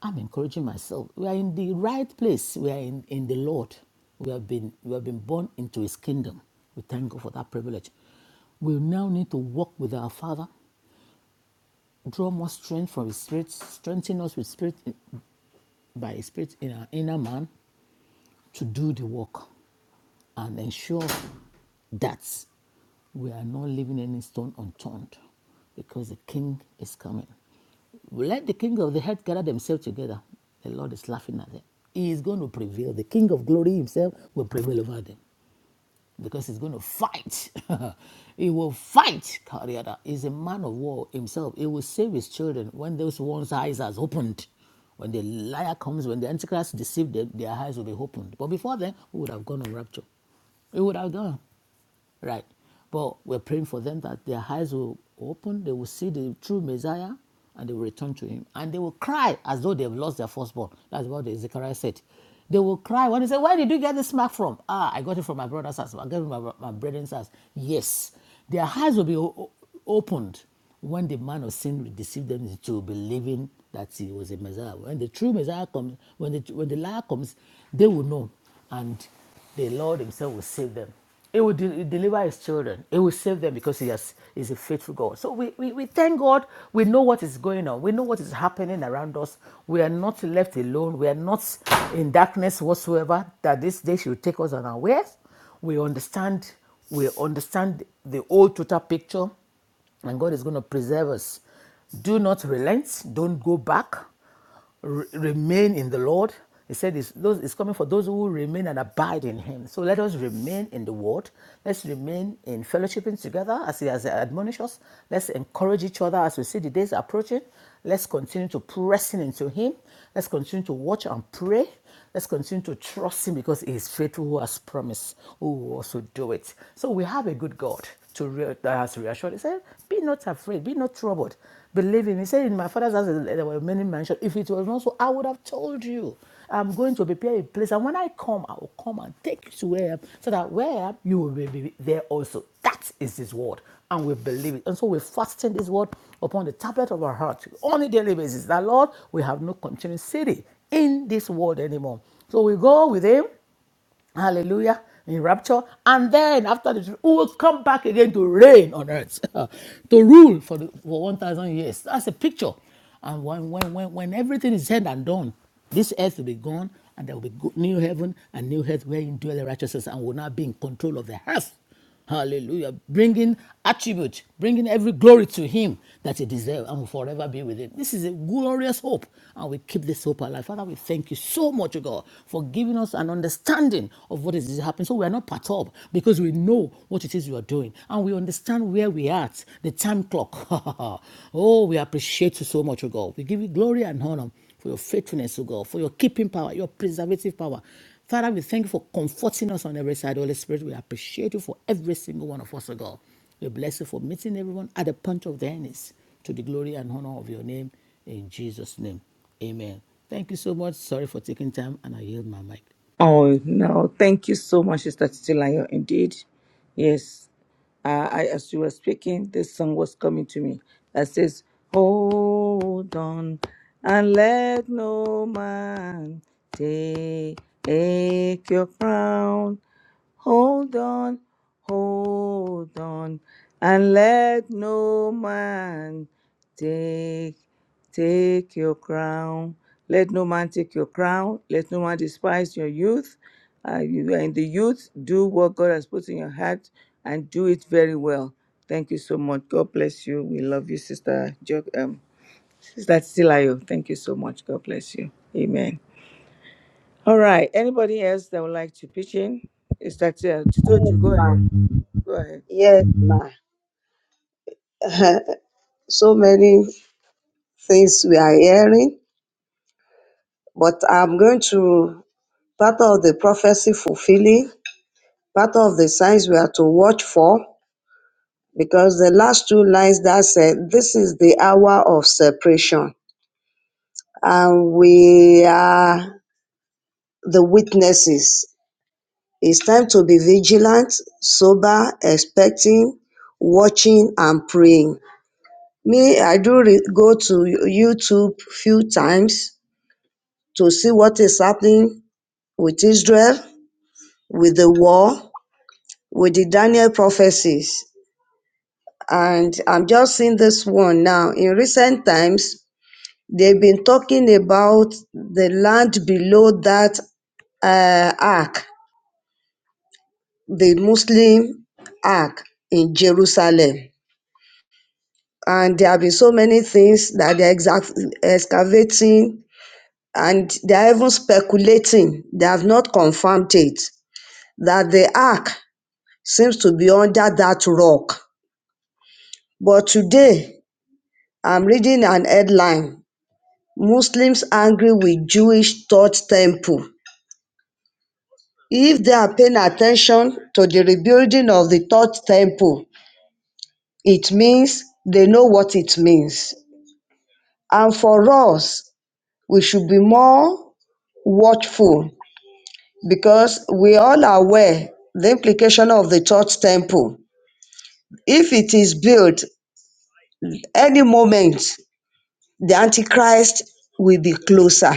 Speaker 4: I'm encouraging myself. We are in the right place. We are in, in the Lord. We have been we have been born into his kingdom. We thank God for that privilege. We now need to walk with our Father, draw more strength from His Spirit, strengthen us with Spirit by His Spirit in our inner man to do the work and ensure that we are not leaving any stone unturned because the king is coming. Let the king of the earth gather themselves together. The Lord is laughing at them. He is going to prevail. The king of glory himself will prevail over them because he's going to fight. he will fight, Kariada. is a man of war himself. He will save his children when those one's eyes has opened. When the liar comes, when the antichrist deceives them, their eyes will be opened. But before then, we would have gone on rapture. We would have gone. Right. But we're praying for them that their eyes will open, they will see the true Messiah, and they will return to him. And they will cry as though they have lost their firstborn. That's what the Zechariah said. They will cry when they say, Where did you get this mark from? Ah, I got it from my brother's house. I got it from my, my brethren's house. Yes. Their eyes will be o- opened when the man of sin deceived them into believing that he was a Messiah. When the true Messiah comes, when the, when the liar comes, they will know. And the Lord Himself will save them. He will de- deliver His children. He will save them because He has, is a faithful God. So we, we, we thank God. We know what is going on. We know what is happening around us. We are not left alone. We are not in darkness whatsoever. That this day should take us unaware. We understand. We understand the whole total picture, and God is going to preserve us. Do not relent. Don't go back re- remain in the Lord. He said it's, those, it's coming for those who remain and abide in Him. So let us remain in the Word. Let's remain in fellowshipping together as He has admonished us. Let's encourage each other as we see the days approaching. Let's continue to pressing into Him. Let's continue to watch and pray. Let's continue to trust Him because He is faithful who has promised, who will also do it. So we have a good God to re- that has reassured. He said, Be not afraid, be not troubled. Believe in me. He said, In my father's house there were many mansions. If it was not so, I would have told you. I'm going to prepare a place. And when I come, I will come and take you to where I am, so that where I am, you will be there also. That is His word. And we believe it. And so we fasten this word upon the tablet of our heart on a daily basis. That, Lord, we have no continuing city in this world anymore. So we go with him, hallelujah, in rapture, and then after this, we will come back again to reign on earth, to rule for, the, for 1,000 years. That's a picture. And when, when, when, when everything is said and done, this earth will be gone, and there will be good, new heaven and new earth wherein dwell the righteousness and will not be in control of the earth. Hallelujah. Bringing attribute, bringing every glory to Him that He deserves and will forever be with Him. This is a glorious hope, and we keep this hope alive. Father, we thank you so much, God, for giving us an understanding of what is happening. So we are not perturbed because we know what it is you are doing and we understand where we are at, the time clock. oh, we appreciate you so much, God. We give you glory and honor for your faithfulness, O God, for your keeping power, your preservative power. Father, we thank you for comforting us on every side. Holy Spirit, we appreciate you for every single one of us, O God. We bless you for meeting everyone at the point of their knees to the glory and honor of your name. In Jesus' name, amen. Thank you so much. Sorry for taking time, and I yield my mic.
Speaker 1: Oh no, thank you so much, Sister Titilayo. Indeed, yes. Uh, I, as you were speaking, this song was coming to me that says, "Hold on, and let no man take your crown. Hold on, hold on, and let no man take." Take your crown. Let no man take your crown. Let no man despise your youth. Uh, you are in the youth. Do what God has put in your heart and do it very well. Thank you so much. God bless you. We love you, Sister jo- um, Sister Silayo. Thank you so much. God bless you. Amen. All right. Anybody else that would like to pitch in? Is that uh, Tito?
Speaker 5: Yes,
Speaker 1: You go
Speaker 5: ma.
Speaker 1: ahead. Go ahead.
Speaker 5: Yes, ma. so many things we are hearing, but I'm going to part of the prophecy fulfilling, part of the signs we are to watch for, because the last two lines that said, This is the hour of separation, and we are the witnesses. It's time to be vigilant, sober, expecting, watching, and praying. Me, I do re- go to YouTube few times to see what is happening with Israel, with the war, with the Daniel prophecies. And I'm just seeing this one now. In recent times, they've been talking about the land below that uh, ark, the Muslim ark in Jerusalem. And there have been so many things that they're exa- excavating and they're even speculating. They have not confirmed it that the ark seems to be under that rock. But today, I'm reading an headline Muslims angry with Jewish Third Temple. If they are paying attention to the rebuilding of the Third Temple, it means they know what it means. And for us, we should be more watchful because we all are aware the implication of the Third Temple. If it is built any moment, the Antichrist will be closer.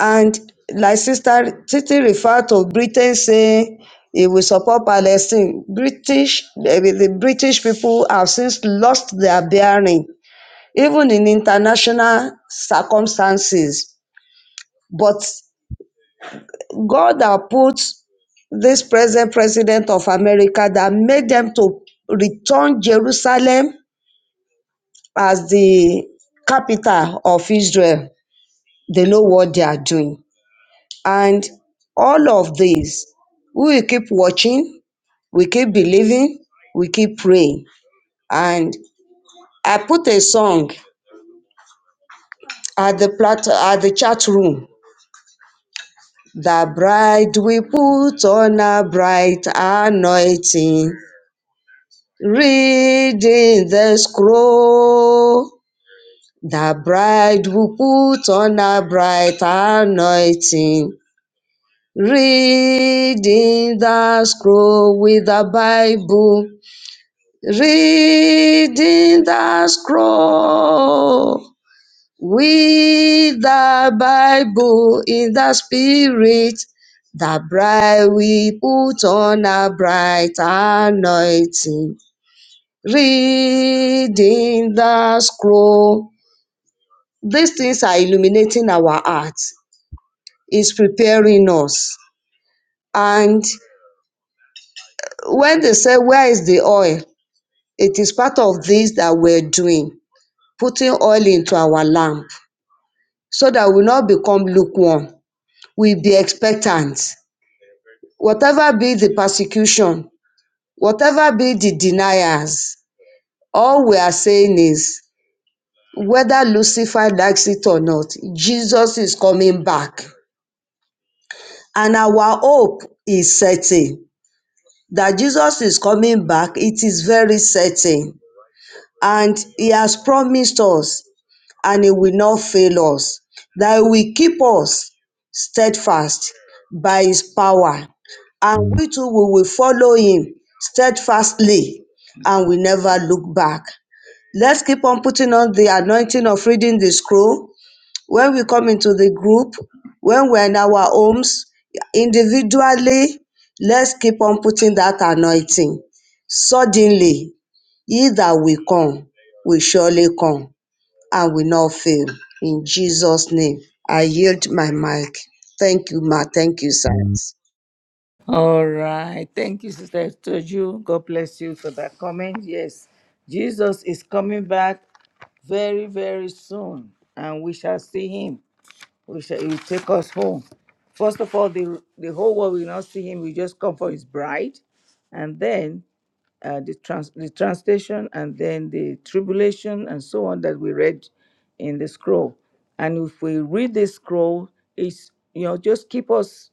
Speaker 5: And like Sister Titi referred to Britain saying it will support Palestine. British, eh, the British people have since lost their bearing, even in international circumstances. But God has put this present president of America that made them to return Jerusalem as the capital of Israel. They know what they are doing And all of this, we will keep watching, we keep believing, we keep praying. And I put a song at the plat- at the chat room. The bride we put on a bright anointing, reading the scroll. The bride we put on a bright anointing, reading the scroll with the Bible Reading the scroll with the Bible in the spirit, the bride we put on a bright anointing. Reading the scroll. These things are illuminating our hearts, It's preparing us. And when they say, Where is the oil? It is part of this that we're doing, putting oil into our lamp so that we will not become lukewarm. We be expectant. Whatever be the persecution, whatever be the deniers, all we are saying is whether Lucifer likes it or not, Jesus is coming back. And our hope is certain that Jesus is coming back. It is very certain. and he has promised us and he will not fail us that he will keep us steadfast by his power and we too we will follow him steadfastly and we never look back let's keep on putting on the anointing of reading the scroll when we come into the group, when we're in our homes, individually, let's keep on putting that anointing. Suddenly, he that will come will surely come and will not fail. In Jesus' name, I yield my mic. Thank you, Ma. Thank you, sir.
Speaker 1: All right. Thank you, Sister Toju. God bless you for that comment. Yes, Jesus is coming back very, very soon, and we shall see him. We shall, he will take us home. First of all, the, the whole world will not see him. We just come for his bride, and then uh, the, trans, the translation, and then the tribulation, and so on that we read in the scroll. And if we read this scroll, it's, you know, just keep us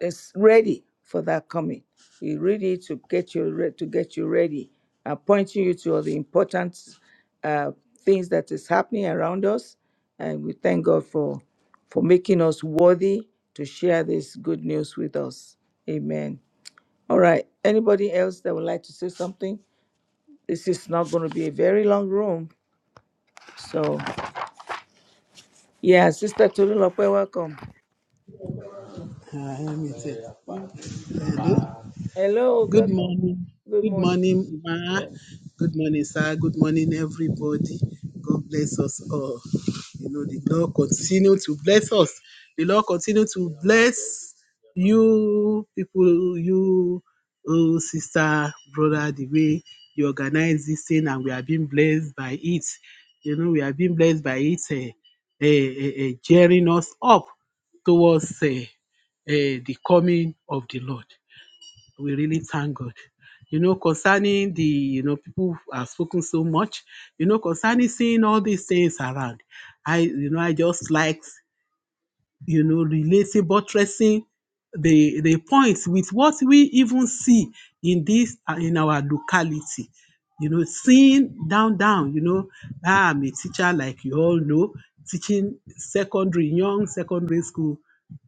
Speaker 1: it's ready for that coming. You read it to get you re- to get you ready, uh, pointing you to all the important uh, things that is happening around us. And we thank God for for making us worthy to share this good news with us. Amen. All right. Anybody else that would like to say something? This is not going to be a very long room. So, yeah, Sister Tolulope, welcome.
Speaker 6: Nah, I am. He hello.
Speaker 1: Hello,
Speaker 6: Good
Speaker 1: welcome.
Speaker 6: morning.
Speaker 1: Good
Speaker 6: Good
Speaker 1: morning.
Speaker 6: morning, Ma. Good morning, sir. Good morning, everybody. God bless us all. You know, the Lord continue to bless us. The Lord continue to bless you people, you oh, sister, brother, the way you organize this thing, and we are being blessed by it. You know, we are being blessed by it, eh, eh, eh, eh, gearing us up towards eh, eh, the coming of the Lord. We really thank God. You know, concerning the, you know, people who have spoken so much, you know, concerning seeing all these things around. I, you know, I just like you know, relating, buttressing the the points with what we even see in this uh, in our locality. You know, seeing down down. You know, ah, I'm a teacher, like you all know, teaching secondary young secondary school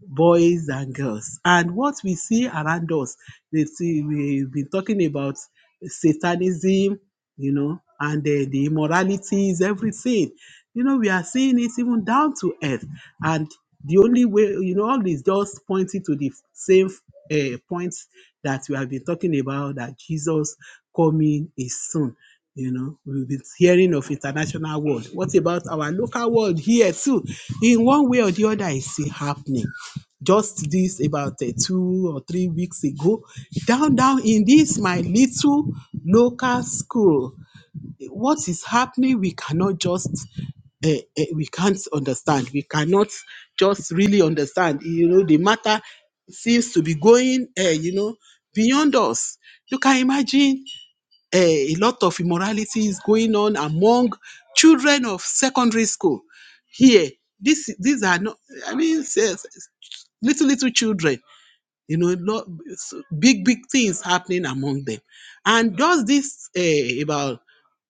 Speaker 6: boys and girls, and what we see around us. They see we've been talking about satanism, you know, and the the immoralities, everything you know, we are seeing it even down to earth. And the only way, you know, all this just pointing to the same uh, points that we have been talking about that Jesus coming is soon. You know, we've been hearing of international world. What about our local world here too? In one way or the other, it's still happening. Just this about uh, two or three weeks ago, down down in this my little local school what is happening we cannot just uh, uh, we can't understand we cannot just really understand you know the matter seems to be going uh, you know beyond us you can imagine uh, a lot of immorality is going on among children of secondary school here this these are not i mean s- s- little little children you know lot, big big things happening among them and just this uh, about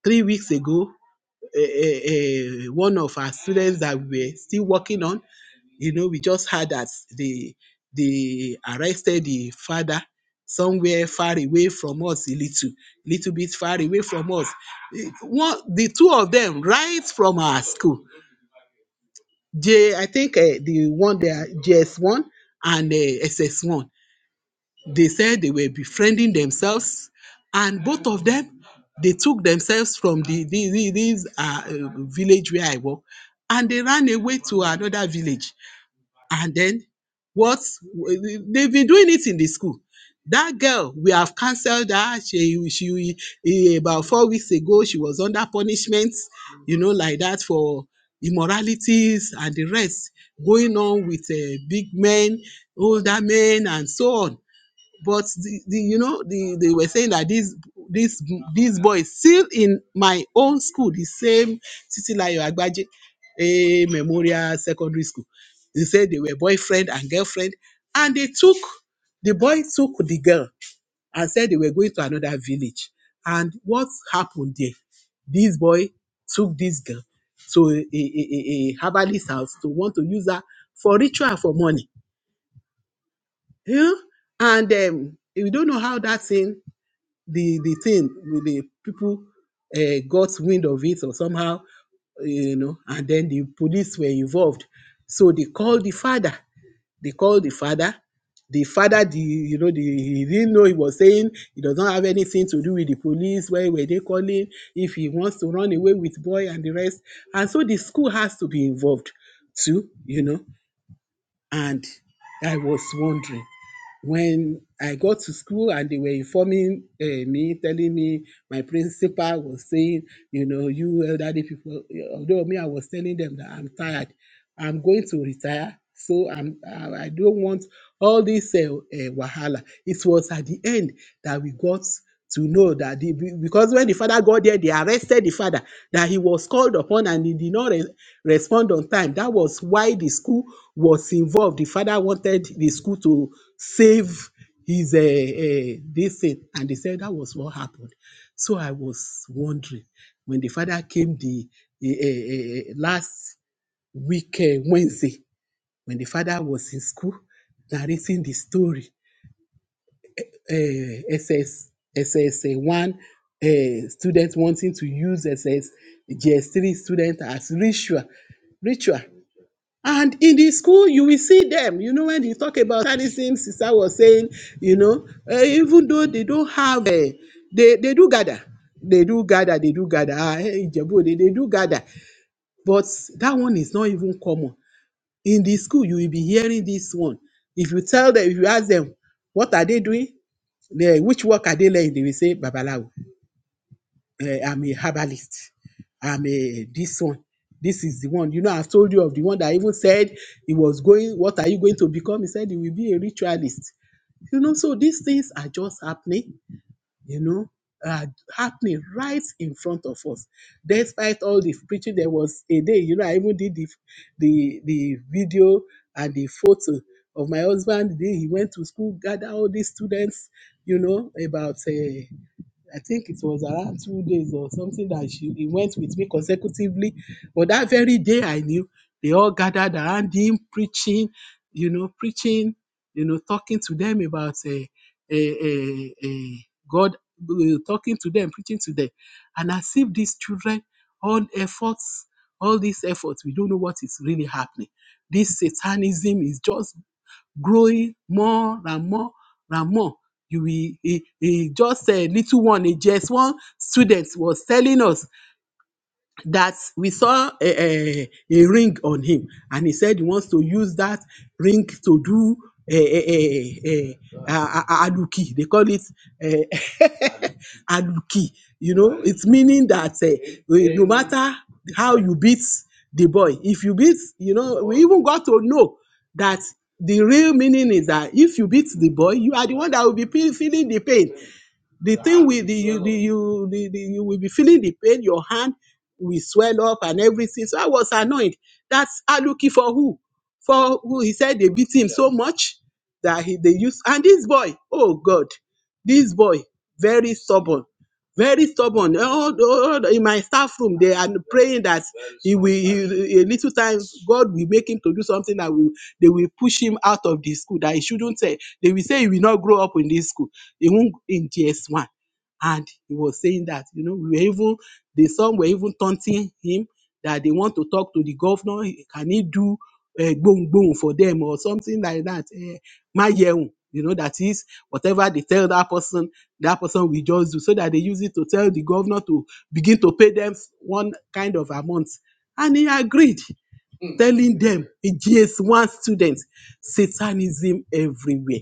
Speaker 6: three weeks ago a, a, a one of our students that we're still working on. You know, we just heard that they they arrested the father somewhere far away from us a little, little bit far away from us. Eh, One, the two of them, right from our school. J, I think uh, the one there, JS1 and uh, SS1 they said they were befriending themselves, and both of them they took themselves from the, the, the this uh, uh, village where I work, and they ran away to another village. And then what they've been doing it in the school. That girl, we have cancelled her. She, she eh, about four weeks ago, she was under punishment, you know, like that for immoralities and the rest going on with uh, big men, older men, and so on but the, the you know the they were saying that these these these boys still in my own school the same titilayo agbaje a memorial secondary school they said they were boyfriend and girlfriend and they took the boy took the girl and said they were going to another village and what happened there this boy took this girl to a, a, a, a herbalist house to want to use her for ritual for money you know? and um, we don't know how that thing the the thing with the people uh, got wind of it or somehow eh, you know and then the police were involved so they called the father they called the father the father the you know the he didn't know he was saying he does not have anything to do with the police where were they calling if he wants to run away with boy and the rest and so the school has to be involved too you know and i was wondering when I got to school and they were informing uh, me, telling me my principal was saying, you know, you elderly people, although me, I was telling them that I'm tired, I'm going to retire. So I'm, I I don't want all this uh, uh, wahala. It was at the end that we got to know that the because when the father got there they arrested the father that he was called upon and he did not re- respond on time that was why the school was involved the father wanted the school to save his uh, uh, this thing and they said that was what happened so i was wondering when the father came the uh, last week uh, wednesday when the father was in school narrating the story eh, SS, SS1 eh, students wanting to use ssgs 3 students as ritual. Ritual. And in the school, you will see them. You know, when you talk about sadism, sister was saying, you know, eh, even though they don't have, eh, they, they do gather. They do gather, they do gather. Ah, eh, Ijebu, they, they do gather. But that one is not even common. In the school, you will be hearing this one. If you tell them, if you ask them, what are they doing? They, which work are they learning? They will say, Babalawo, eh, I'm a herbalist. I'm a this one. This is the one. You know, I've told you of the one that even said he was going, what are you going to become? He said he will be a ritualist. You know, so these things are just happening, you know, are happening right in front of us. Despite all the preaching, there was a day, you know, I even did the the, the video and the photo of my husband. The day he went to school, gather all these students, you know, about uh, I think it was around two days or something that she he went with me consecutively. But that very day I knew they all gathered around him preaching, you know, preaching, you know, talking to them about a uh, uh, uh, uh, God, uh, talking to them, preaching to them. And as if these children, all efforts, all these efforts, we don't know what is really happening. This satanism is just growing more and more and more. You will eh, eh, just a little one, A just one student was telling us that we saw a, a, a ring on him and he said he wants to use that ring to do a, a, a, a, a, a aduki they call it eh, aduki you know it's meaning that eh, we- no matter how you beat the boy if you beat you know we even got to know that the real meaning is that if you beat the boy you are the one that will be pe- feeling the pain the thing will the you the you the, the you will be feeling the pain your hand will swell up and everything so i was annoyed that's aluki for who for who he said they beat him so much that he they used and this boy oh god this boy very stubborn very stubborn all, all in my staff room they are praying that he will he, a little time god will make him to do something that will they will push him out of the school that he shouldn't say they will say he will not grow up in this school he won't in GS1. And he was saying that, you know, we were even, the some were even taunting him that they want to talk to the governor. Can he do uh, boom boom for them or something like that? Uh, my yeun, you know, that is whatever they tell that person, that person will just do so that they use it to tell the governor to begin to pay them one kind of amount. And he agreed, Mm. telling them, GS1 students, Satanism everywhere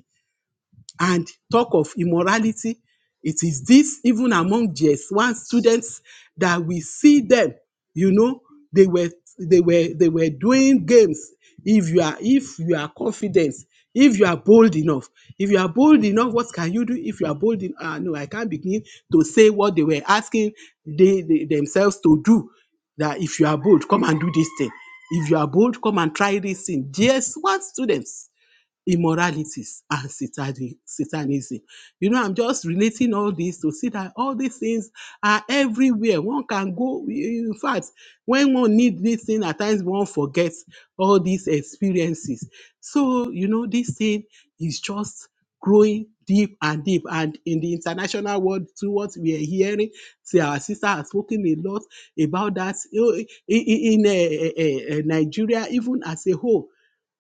Speaker 6: and talk of immorality. It is this even among GS1 students that we see them, you know, they were they were they were doing games. If you are if you are confident, if you are bold enough, if you are bold enough, what can you do? If you are bold enough, ah, no, I can't begin to say what they were asking they, they themselves to do. That if you are bold, come and do this thing. If you are bold, come and try this thing. GS1 students immoralities and satani- satanism. You know, I'm just relating all this to see that all these things are everywhere. One can go, in fact, when one needs this thing, at times one forgets all these experiences. So, you know, this thing is just growing deep and deep. And in the international world, to what we are hearing, see, our sister has spoken a lot about that You know, in, in, in, eh, eh, eh, eh, Nigeria, even as a whole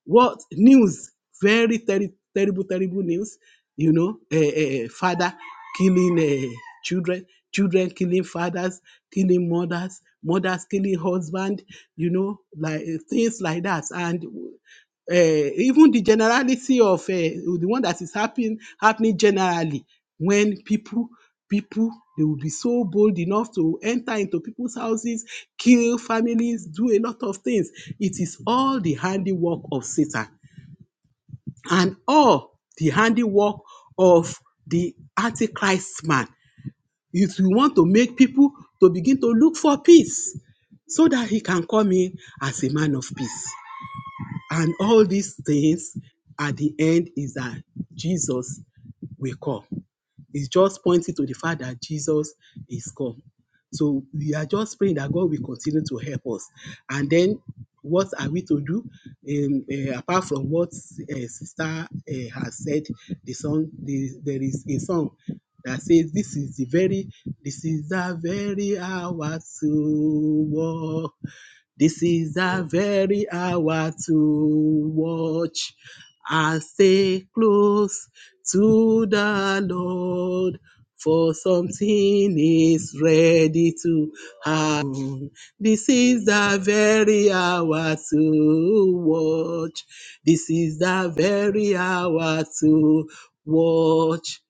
Speaker 6: what news very terri terrible terrible news you know a uh, father killing uh, children children killing fathers killing mothers mothers killing husband you know like eh, things like that and uh, even the generality of uh, the one that is happening, happening generally when people people they will be so bold enough to enter into people's houses kill families do a lot of things it is all the handiwork of satan and all the handiwork of the antichrist man if you want to make people to begin to look for peace so that he can come in as a man of peace and all these things at the end is that jesus will come it's just pointing to the fact that Jesus is come. So we are just praying that God will continue to help us. And then what are we to do? Um, eh, apart from what uh, Sister eh, has said, the song, the, there is a song that says, This is the very, this is the very hour to walk this is the very hour to watch and stay close to the Lord, for something is ready to happen. This is the very hour to watch. This is the very hour to watch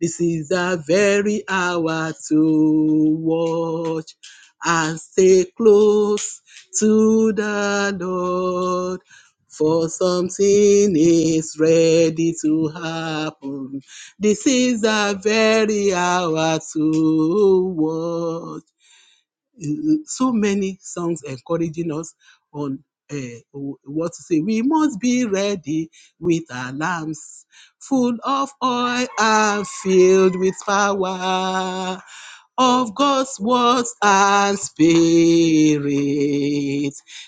Speaker 6: this is the very hour to watch and stay close to the Lord. For something is ready to happen. This is the very hour to watch so many songs encouraging us on uh, what to say. We must be ready with our lamps full of oil and filled with power of God's words and spirit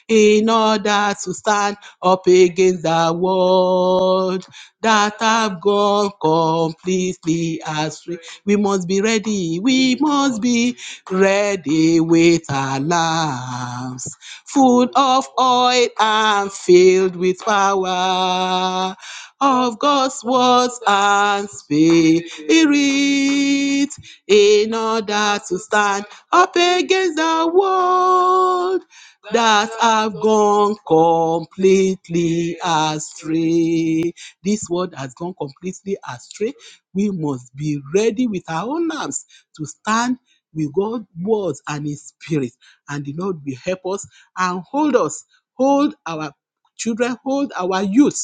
Speaker 6: in order to stand up against the world that have gone completely astray. We must be ready. We must be ready with our lamps, full of oil and filled with power of God's words and spirit in order to stand up against the world that have gone completely astray. This world has gone completely astray. We must be ready with our own arms to stand with God's words and His Spirit. And the Lord will help us and hold us, hold our children, hold our youth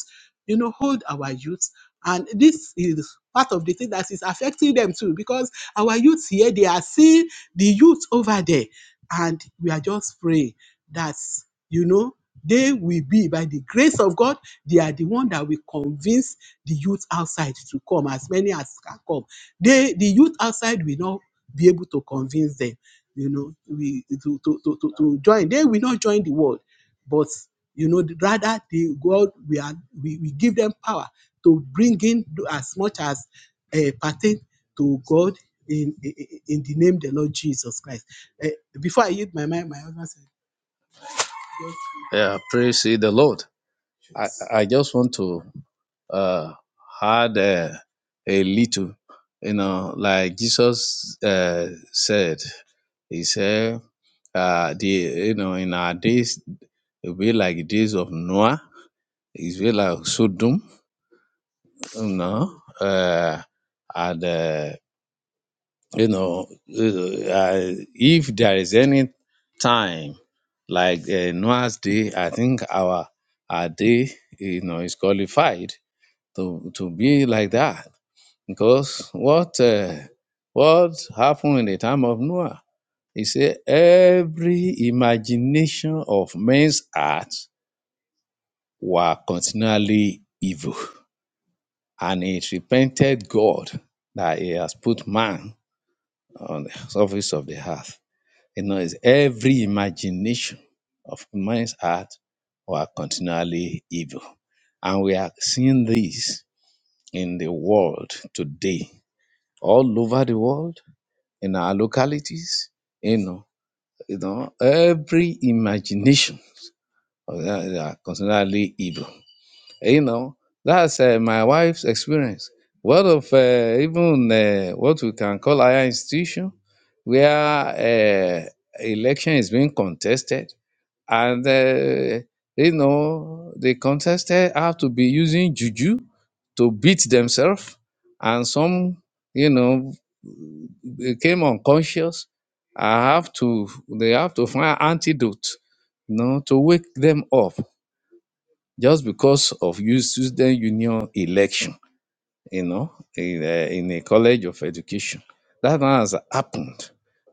Speaker 6: you know, hold our youth. And this is part of the thing that is affecting them too, because our youth here, they are seeing the youth over there. And we are just praying that, you know, they will be, by the grace of God, they are the one that will convince the youth outside to come, as many as can come. They, the youth outside will not be able to convince them, you know, we, to, to, to, to to join. They will not join the world. But you know, rather the God we are we, we give them power to bring in as much as uh, pertain to God in, in in the name of the Lord Jesus Christ. Eh, before I yield my mind, my husband said, just Yeah, praise ye the Lord. I, I just want to uh, add uh, a little, you know, like Jesus uh, said, He said, uh, the you know, in our days, it'll be like the days of Noah it's very like Sodom, you know, uh, and uh, you know, uh, uh, if there is any time like uh, Noah's day, I think our our day, you know, is qualified to to be like that because what uh, what happened in the time of Noah? He said every imagination of men's heart were continually evil. and it repented God that He has put man on the surface of the earth. You know, it's every imagination of man's heart were continually evil. And we are seeing this in the world today, all over the world, in our localities, you know, you know, every imagination of that- they are continually evil. you know that's uh, my wife's experience what of uh, even uh, what we can call higher institution where uh, election is being contested and uh, you know the contestants have to be using juju to beat themselves and some you know became unconscious i have to they have to find antidote you know to wake them up just because of you student union election, you know, in a, in a college of education. That now has happened,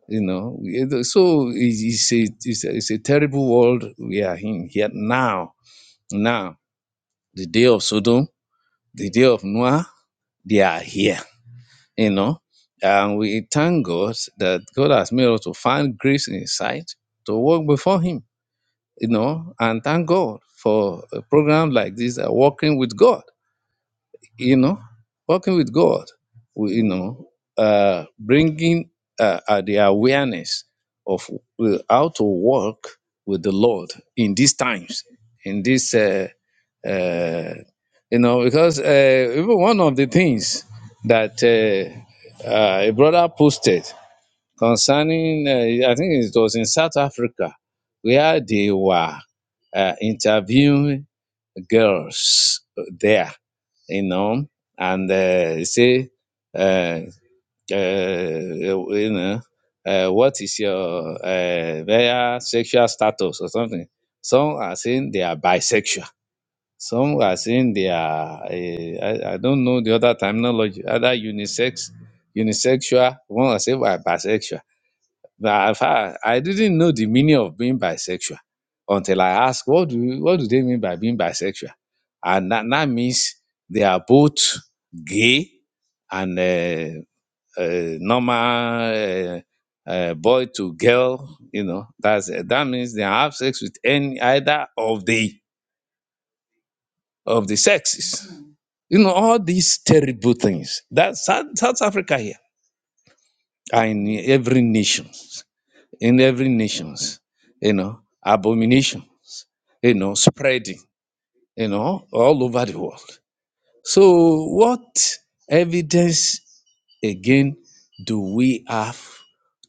Speaker 6: you know. We- it- So it's it's a, it's a, it's a terrible world we are in here now. Now, the day of Sodom, the day of Noah, they are here, you know. And we thank God that God has made us to find grace in His sight to walk before Him, you know, and thank God for a program like this, uh, Walking with God you know, working with God, we- you know, uh, bringing uh, uh, the awareness of uh, how to work with the Lord in these times, in this, uh, uh, you know, because uh, even one of the things that uh, uh, a brother posted concerning, uh, I think it was in South Africa, where they were uh, interviewing girls uh, there, you know, and uh, say, uh, uh, you know, uh, what is your uh, their sexual status or something? Some are saying they are bisexual. Some are saying they are, uh, I, I don't know the other terminology, Other unisex, unisexual, one are saying we are bisexual now, in fact, I didn't know the meaning of being bisexual until I asked, what do, what do they mean by being bisexual? And that, that means they are both gay and uh, uh, normal uh, uh, boy to girl. You know, that's that means they have sex with any either of the of the sexes. You know, all these terrible things. That South, South Africa here are in every nation. in every nations, you know, abominations, you know, spreading, you know, all over the world. So what evidence again do we have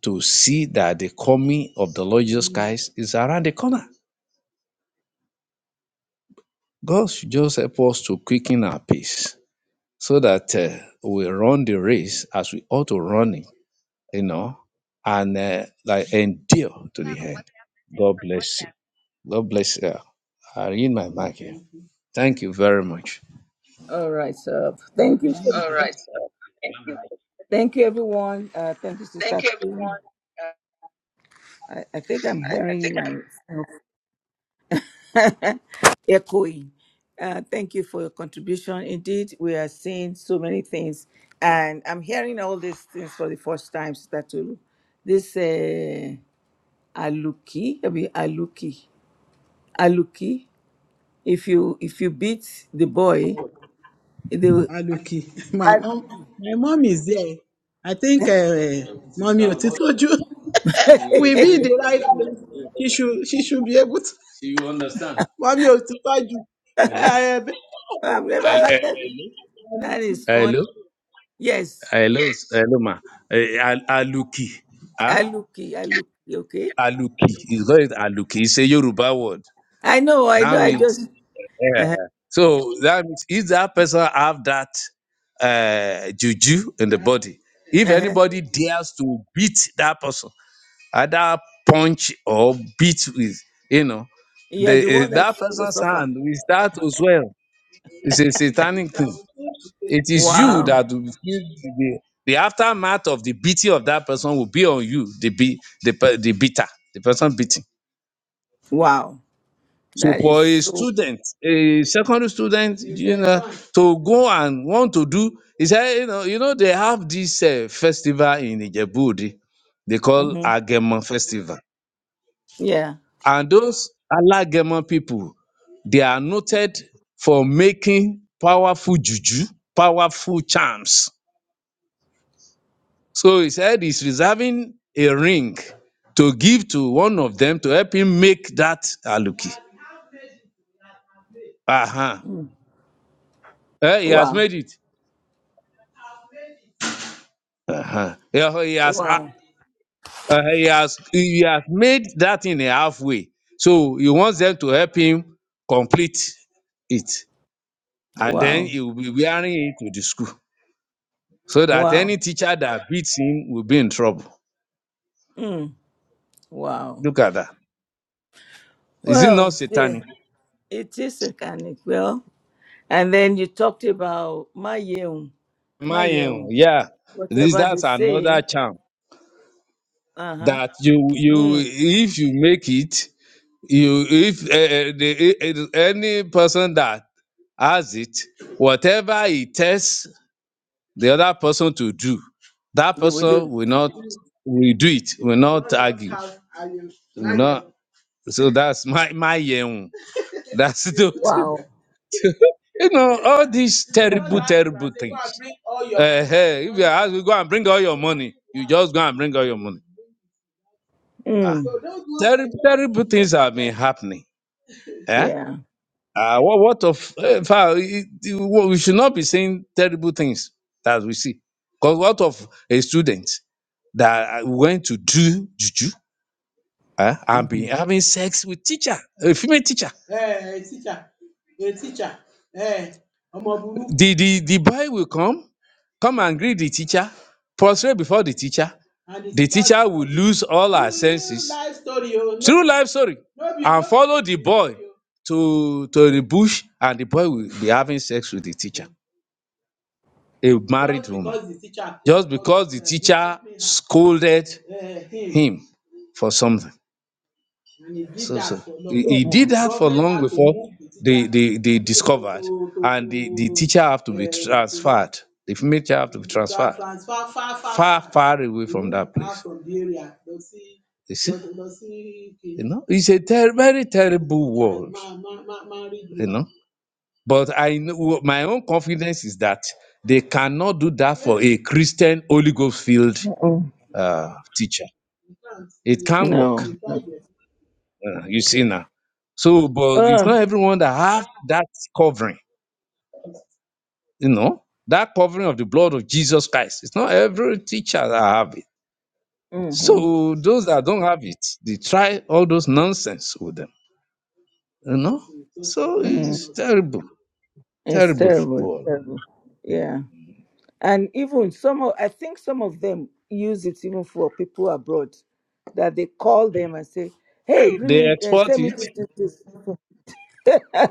Speaker 6: to see that the coming of the Lord Jesus Christ is around the corner? God should just help us to quicken our pace so that uh, we run the race as we ought to run it, you know, and uh, like endure to the end. God bless you. God bless you. I read my mic here. Thank you very much.
Speaker 1: All right, sir. Thank you so
Speaker 6: All right. So thank you.
Speaker 1: Thank you, everyone. Uh, thank you,
Speaker 6: Thank
Speaker 1: Sister.
Speaker 6: you,
Speaker 1: Tolu.
Speaker 6: everyone. Uh,
Speaker 1: I, I think I'm
Speaker 6: I, I think
Speaker 1: hearing
Speaker 6: I
Speaker 1: myself echoing. Uh, thank you for your contribution. Indeed, we are seeing so many things, and I'm hearing all these things for the first time, Sister Tolu. This uh, Aluki, I mean Aluki, Aluki. If you if you beat the boy, they will,
Speaker 6: Aluki, my mom, my mom is there. I think uh, mommy Otitoju will be in the right place. She should, she should be able to. You understand? Mommy Otitoju, uh,
Speaker 1: "Oh, I've never
Speaker 6: Eh, eh,
Speaker 1: had that. That is fun.
Speaker 6: Hello,
Speaker 1: Yes,
Speaker 6: hello, hello, ma. Eh, Al- Aluki, ah,
Speaker 1: Aluki, Aluki. Okay,
Speaker 6: Aluki. It's called Aluki. It's a Yoruba word.
Speaker 1: I know, I know.
Speaker 6: That
Speaker 1: I
Speaker 6: means.
Speaker 1: just
Speaker 6: Yeah.
Speaker 1: Uh-huh.
Speaker 6: So that means if that person have that uh, juju in the body, if
Speaker 1: Uh-huh.
Speaker 6: anybody dares to beat that person, either punch or beat with, you know,
Speaker 1: You're the
Speaker 6: the eh,
Speaker 1: one
Speaker 6: that
Speaker 1: that's going to
Speaker 6: person's
Speaker 1: suffer.
Speaker 6: hand will start to swell. It's a satanic thing. It is you
Speaker 1: Wow.
Speaker 6: that will feel the, the aftermath of the beating of that person will be on you, the be the, pe- the beater, the person beating.
Speaker 1: Wow.
Speaker 6: So
Speaker 1: That is
Speaker 6: for a
Speaker 1: so.
Speaker 6: student, a secondary student, you know, to go and want to do, he said, you know, you know, they have this uh, festival in Ijebudi, they call
Speaker 1: hmm
Speaker 6: Agema Festival,
Speaker 1: Yeah.
Speaker 6: and those Alagema people, they are noted for making powerful juju, powerful charms. So he said he's reserving a ring to give to one of them to help him make that aluki. Uh-huh.
Speaker 1: Mm.
Speaker 6: Eh, he has
Speaker 1: Wow.
Speaker 6: made it. Uh-huh. Yeah, He has, a-
Speaker 1: Wow.
Speaker 6: uh, he has he has made that in a halfway. So he wants them to help him complete it. And then
Speaker 1: Wow.
Speaker 6: he will be wearing it to the school. So that
Speaker 1: Wow.
Speaker 6: any teacher that beats him will be in trouble.
Speaker 1: Mm. Wow.
Speaker 6: Look at that. Is it not
Speaker 1: Well, yeah,
Speaker 6: satanic?
Speaker 1: it is a canic. Well, and then you talked about my yeum, my
Speaker 6: My own,
Speaker 1: yeum.
Speaker 6: yeah. This
Speaker 1: Whatever they
Speaker 6: that's another
Speaker 1: say,
Speaker 6: charm
Speaker 1: uh huh.
Speaker 6: that you you
Speaker 1: Mm.
Speaker 6: if you make it, you if uh, uh, the, eh, eh, any person that has it, whatever he tests the other person to do. That
Speaker 1: They will
Speaker 6: person
Speaker 1: do.
Speaker 6: will not will do it, will not argue. Will not, so that's my my yeun. That's not
Speaker 1: Wow.
Speaker 6: you know all these terrible, terrible things. Eh, eh, if you ask, we go and bring all your money, you just go and bring all your money. Ah,
Speaker 1: Mm.
Speaker 6: terrible, terrible things have been happening. Eh?
Speaker 1: Yeah.
Speaker 6: Uh, what, what of, eh, in it- it- we should not be saying terrible things that we see. Because what of a student? that I went to do juju eh, and been
Speaker 1: Mhm.
Speaker 6: having sex with teacher, a female teacher. Hey, teacher. Hey, teacher. Hey, ọmọ burúkú. The, the, the boy will come, come and greet the teacher, prostrate before the teacher. And the The teacher teacher go will lose all her True senses. life story o. No True be life story. no be And no follow the boy o. to, to the bush, and the boy will be having sex with the teacher a married woman just because the teacher scolded him for something. So, so he,
Speaker 1: Mm,
Speaker 6: he did
Speaker 1: mm,
Speaker 6: that for long before they, they, they discovered, and the, the teacher have to be transferred. The female teacher have to be transferred far, far away from that place. You see, you know, it's a ter- very terrible world. You know, but I know my own confidence is that they cannot do that for a Christian Holy Ghost filled
Speaker 1: mm, mm.
Speaker 6: uh, teacher. It can work.
Speaker 1: No. No.
Speaker 6: uh, you see now. So, but it's
Speaker 1: Uh.
Speaker 6: not everyone that have that covering. You know that covering of the blood of Jesus Christ. It's not every teacher that have it.
Speaker 1: mm-hmm.
Speaker 6: So those that don't have it, they try all those nonsense with them. You know. So
Speaker 1: Mm,
Speaker 6: it's terrible,
Speaker 1: it's
Speaker 6: terrible
Speaker 1: terrible. it's
Speaker 6: world.
Speaker 1: terrible. Yeah. And even some of, I think some of them use it even for people abroad that they call them and say, hey, bring
Speaker 6: They
Speaker 1: me, uh,
Speaker 6: export
Speaker 1: send me
Speaker 6: it.
Speaker 1: this, this, this.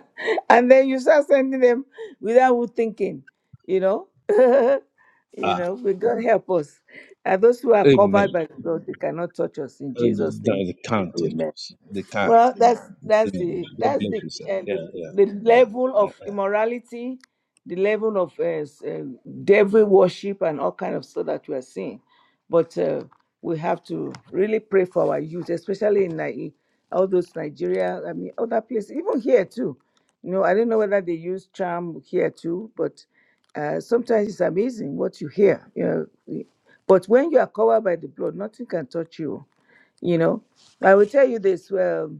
Speaker 1: and then you start sending them without even thinking, you know? you
Speaker 6: Ah,
Speaker 1: know, may God help us. And those who are
Speaker 6: amen.
Speaker 1: covered by the blood, they cannot touch us in
Speaker 6: Uh,
Speaker 1: Jesus' name.
Speaker 6: no, they can't take
Speaker 1: Amen.
Speaker 6: us. They can't.
Speaker 1: Well, that's that's
Speaker 6: Mm.
Speaker 1: the
Speaker 6: God
Speaker 1: that's
Speaker 6: bless
Speaker 1: the
Speaker 6: you, sir.
Speaker 1: uh, the,
Speaker 6: Yeah, yeah,
Speaker 1: the
Speaker 6: yeah.
Speaker 1: level
Speaker 6: yeah.
Speaker 1: of immorality, the level of uh, s- uh, devil worship, and all kind of stuff that we are seeing. But uh, we have to really pray for our youth, especially in Ni- all those Nigeria. I mean, other places, even here too. You know, I don't know whether they use charm here too, but uh, sometimes it's amazing what you hear. You know, we- but when you are covered by the blood, nothing can touch you. You know, I will tell you this. Well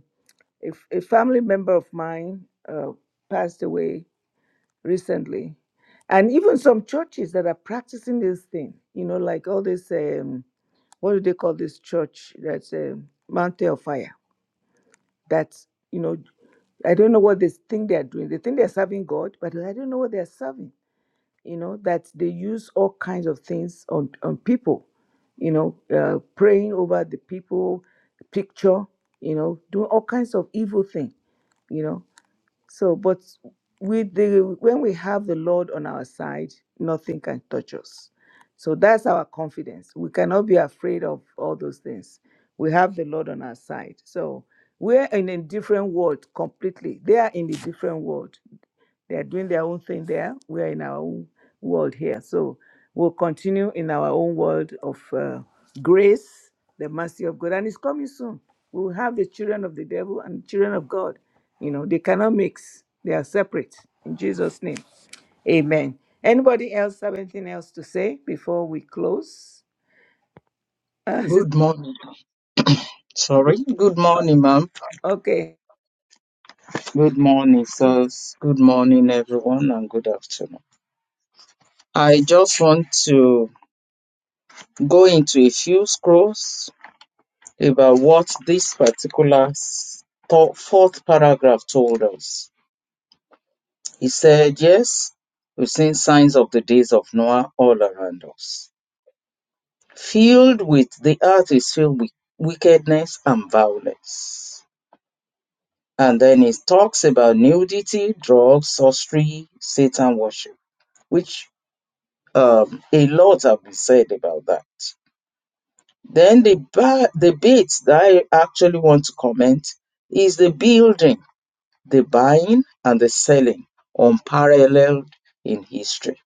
Speaker 1: a, f- a family member of mine uh, passed away recently and even some churches that are practicing this thing you know like all this um, what do they call this church that's um, mountain of fire that's you know i don't know what they think they're doing they think they're serving god but i don't know what they're serving you know that they use all kinds of things on, on people you know uh, praying over the people picture you know doing all kinds of evil thing you know so, but with the when we have the Lord on our side, nothing can touch us. So that's our confidence. We cannot be afraid of all those things. We have the Lord on our side. So we're in a different world completely. They are in a different world. They are doing their own thing there. We are in our own world here. So we'll continue in our own world of uh, grace, the mercy of God. And it's coming soon. We will have the children of the devil and children of God. You know, they cannot mix, they are separate. In Jesus' name. Amen. Anybody else have anything else to say before we close? Uh, sis-
Speaker 2: Good morning. Sorry. Good morning, ma'am.
Speaker 1: okay.
Speaker 2: Good morning, sirs. Good morning, everyone, and good afternoon. I just want to go into a few scrolls about what this particular s- thou- fourth paragraph told us. He said, Yes, we've seen signs of the days of Noah all around us. Filled with the earth is filled with wickedness and violence. And then it talks about nudity, drugs, sorcery, Satan worship, which um, a lot have been said about that. Then the ba- the bits that I actually want to comment is the building, the buying, and the selling, unparalleled in history.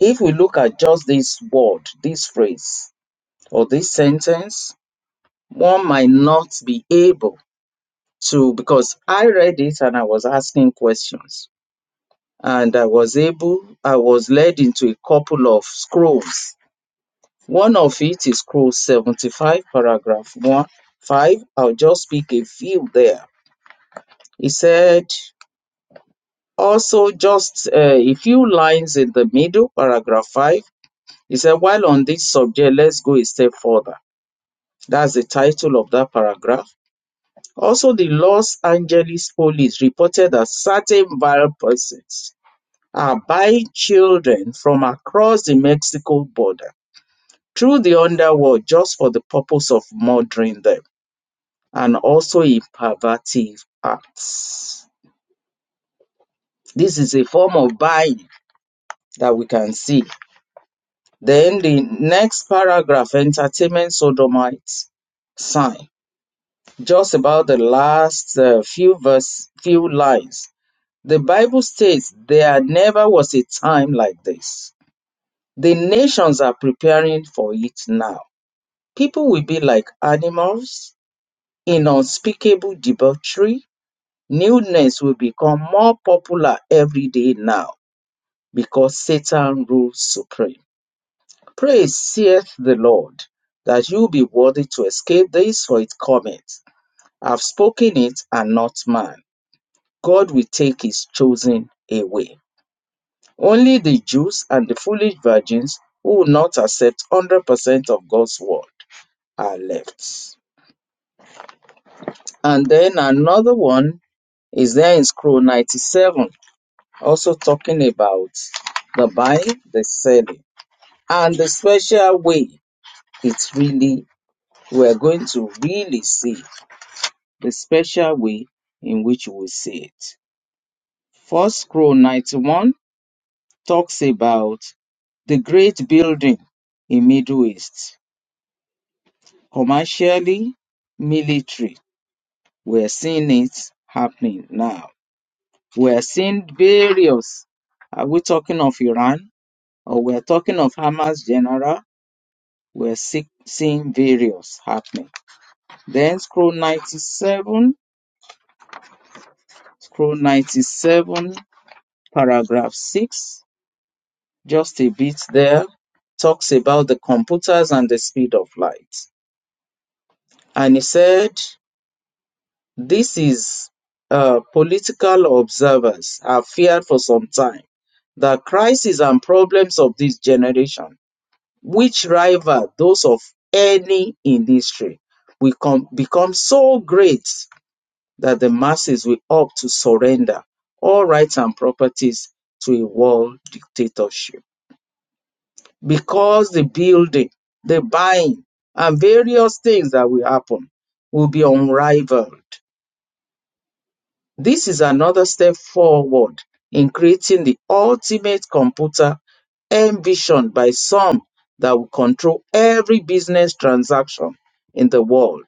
Speaker 2: If we look at just this word, this phrase, or this sentence, one might not be able to because I read it and I was asking questions and I was able, I was led into a couple of scrolls. One of it is scroll 75, paragraph 1, 5. I'll just pick a few there. He said, also just uh, a few lines in the middle, paragraph 5. He said, while on this subject, let's go a step further. That's the title of that paragraph. Also, the Los Angeles police reported that certain viral persons are buying children from across the Mexico border through the underworld just for the purpose of murdering them and also in pervertive acts. This is a form of buying that we can see. Then the next paragraph entertainment sodomites sign. Just about the last uh, few verse, few lines. The Bible states there never was a time like this. The nations are preparing for it now People will be like animals in unspeakable debauchery. Nudeness will become more popular every day now because Satan rules supreme. Praise saith the Lord that you be worthy to escape this, for it cometh. I've spoken it and not man. God will take his chosen away. Only the Jews and the foolish virgins who will not accept 100% of God's word are left. And then another one is there in scroll 97, also talking about the buying, the selling, and the special way it's really, we're going to really see the special way in which we see it. First scroll 91 talks about the great building in Middle East, commercially, military. We're seeing it happening now We're seeing various. Are we talking of Iran or we're talking of Hamas general? We're see, seeing various happening. Then scroll 97, scroll 97, paragraph 6, just a bit there, talks about the computers and the speed of light. And he said, This is uh, political observers have feared for some time the crises and problems of this generation which rival those of any industry, will com- become so great that the masses will opt to surrender all rights and properties to a world dictatorship. Because the building, the buying, and various things that will happen will be unrivaled This is another step forward in creating the ultimate computer envisioned by some that will control every business transaction in the world,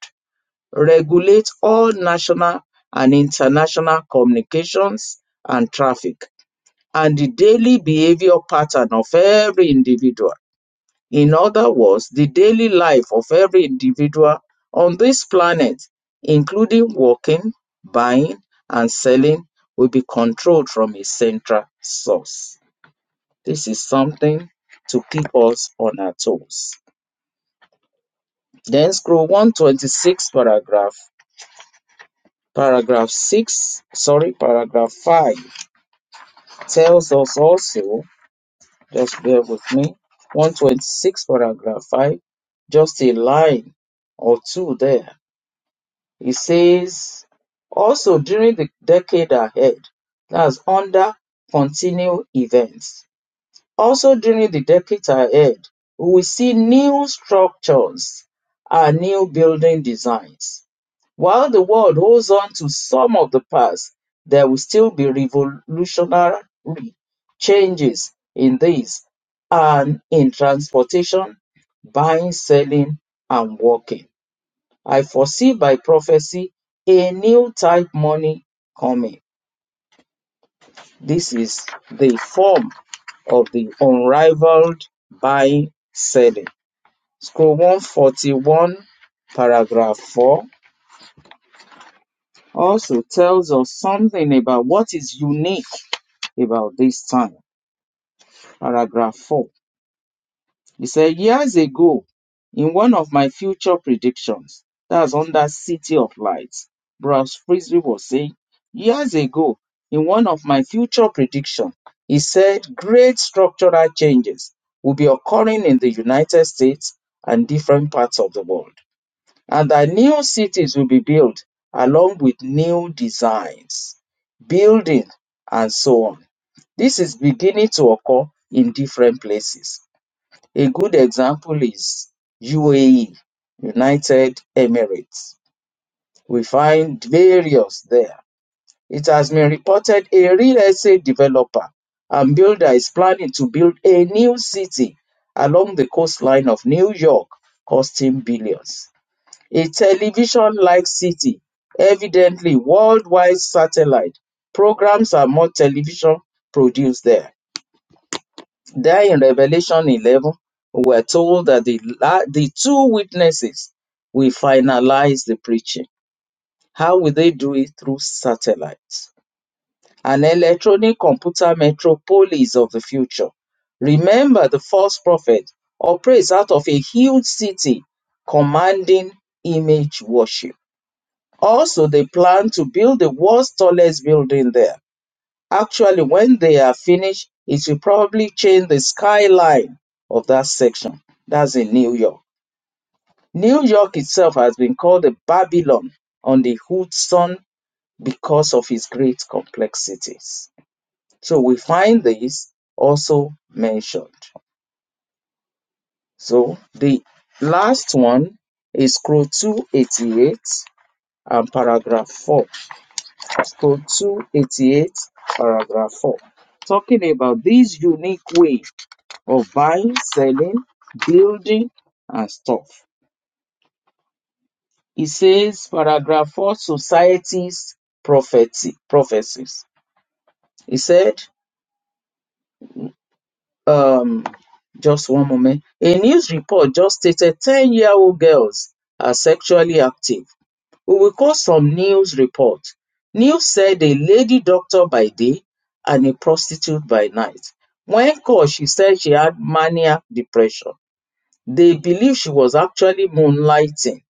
Speaker 2: regulate all national and international communications and traffic, and the daily behavior pattern of every individual. In other words, the daily life of every individual on this planet, including working, buying, and selling, will be controlled from a central source. This is something to keep us on our toes. Then scroll 126 paragraph. Paragraph 6, sorry, paragraph 5 tells us also, just bear with me, 126 paragraph 5, just a line or two there He says, also during the decade ahead, that's under continued events. Also during the decade ahead, we will see new structures and new building designs. While the world holds on to some of the past, there will still be revolutionary changes in this and in transportation, buying, selling, and working. I foresee by prophecy a new type money coming. This is the form of the unrivaled buying selling. Scroll 141, paragraph 4 also tells us something about what is unique about this time. Paragraph 4 He said, Years ago, in one of my future predictions, that's under City of Lights, Bruce Frisbee was saying, Years ago, in one of my future predictions, he said great structural changes will be occurring in the United States and different parts of the world, and that new cities will be built along with new designs, building, and so on. This is beginning to occur in different places a good example is UAE, United Emirates. We find various there. It has been reported a real estate developer and builder is planning to build a new city along the coastline of New York, costing billions. A television like city, evidently worldwide satellite. Programs are more television produced there. There in Revelation 11, we're told that the, la- the two witnesses will finalize the preaching. How will they do it? Through satellites, an electronic computer metropolis of the future. Remember, the false prophet operates out of a huge city commanding image worship. Also, they plan to build the world's tallest building there Actually, when they are finished, it will probably change the skyline of that section. That's in New York. New York itself has been called the Babylon on the Hudson because of its great complexities. So we find this also mentioned. So the last one is scroll 288 and paragraph 4. Scroll 288, paragraph 4. Talking about this unique way of buying, selling, building, and stuff. It says, paragraph 4, society's prophecy, prophecies. He said, um, just one moment. A news report just stated 10 year old girls are sexually active. We will quote some news report. News said a lady doctor by day and a prostitute by night. When called, she said she had maniac depression. They believe she was actually moonlighting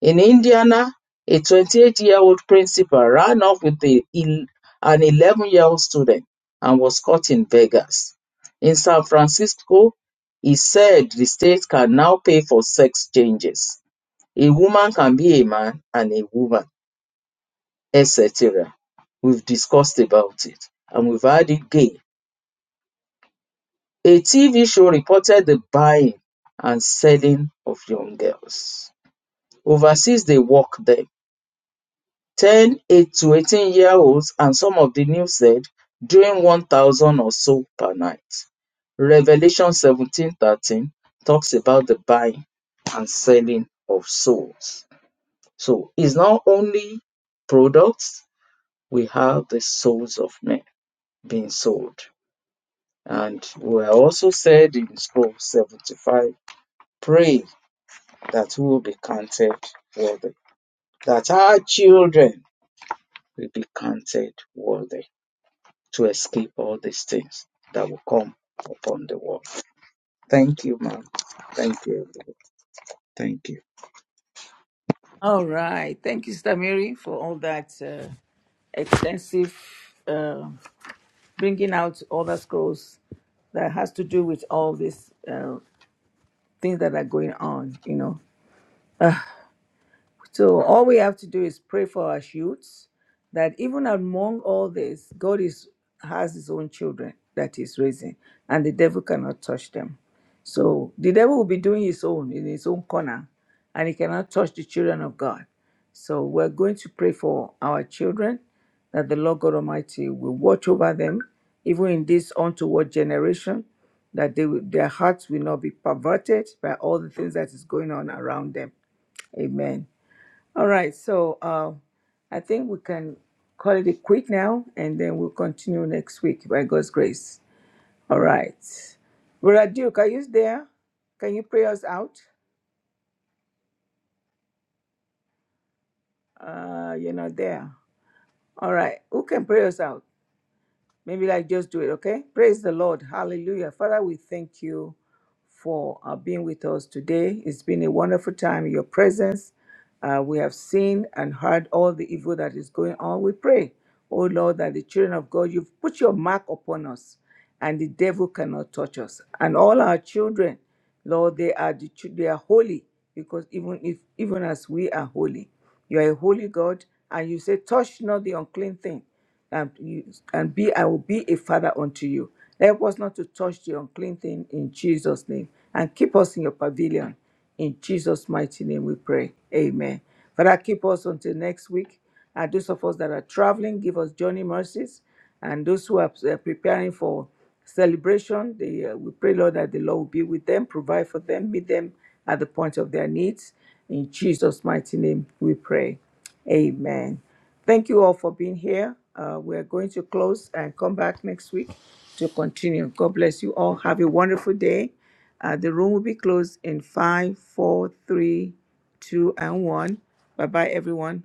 Speaker 2: In Indiana, a 28-year-old principal ran off with a, an 11-year-old student and was caught in Vegas. In San Francisco, he said the state can now pay for sex changes. A woman can be a man and a woman, etc. We've discussed about it and we've had it gay. A TV show reported the buying and selling of young girls. Overseas, they walk them Ten eight to eighteen-year-olds and some of the new said doing 1,000 or so per night. Revelation 17:13 talks about the buying and selling of souls. So it's not only products, we have the souls of men being sold. And we are also said in scroll 75, pray that we will be counted worthy, that our children will be counted worthy. to escape all these things that will come upon the world. Thank you, ma'am. Thank you. everyone. Thank you.
Speaker 1: All right. Thank you, Sister Mary, for all that uh, extensive. uh, bringing out other scrolls that has to do with all these uh, things that are going on, you know. So all we have to do is pray for our youths that even among all this, God is has his own children that he's raising, and the devil cannot touch them. So the devil will be doing his own in his own corner, and he cannot touch the children of God. So we're going to pray for our children that the Lord God Almighty will watch over them, even in this untoward generation, that they will, their hearts will not be perverted by all the things that is going on around them. Amen. All right, so uh, I think we can call it a quit now, and then we'll continue next week by God's grace. All right. Brother Duke, are you there? Can you pray us out? Uh, you're not there. All right. Who can pray us out? Maybe like just do it, okay? Praise the Lord. Hallelujah. Father, we thank you for uh, being with us today. It's been a wonderful time in your presence. Uh, we have seen and heard all the evil that is going on. We pray, oh Lord, that the children of God, you've put your mark upon us, and the devil cannot touch us. And all our children, Lord, they are the, chil- they are holy because even if even as we are holy. You are a holy God, and you say, Touch not the unclean thing, and, you, and be I will be a father unto you. Help us not to touch the unclean thing in Jesus' name, and keep us in your pavilion. In Jesus' mighty name we pray. Amen. Father, keep us until next week. And those of us that are traveling, give us journey mercies. And those who are uh, preparing for celebration, they, uh, we pray, Lord, that the Lord will be with them, provide for them, meet them at the point of their needs. In Jesus' mighty name, we pray. Amen. Thank you all for being here. Uh, we're going to close and come back next week to continue. God bless you all. Have a wonderful day. Uh, the room will be closed in five, four, three, two, and one. Bye bye, everyone.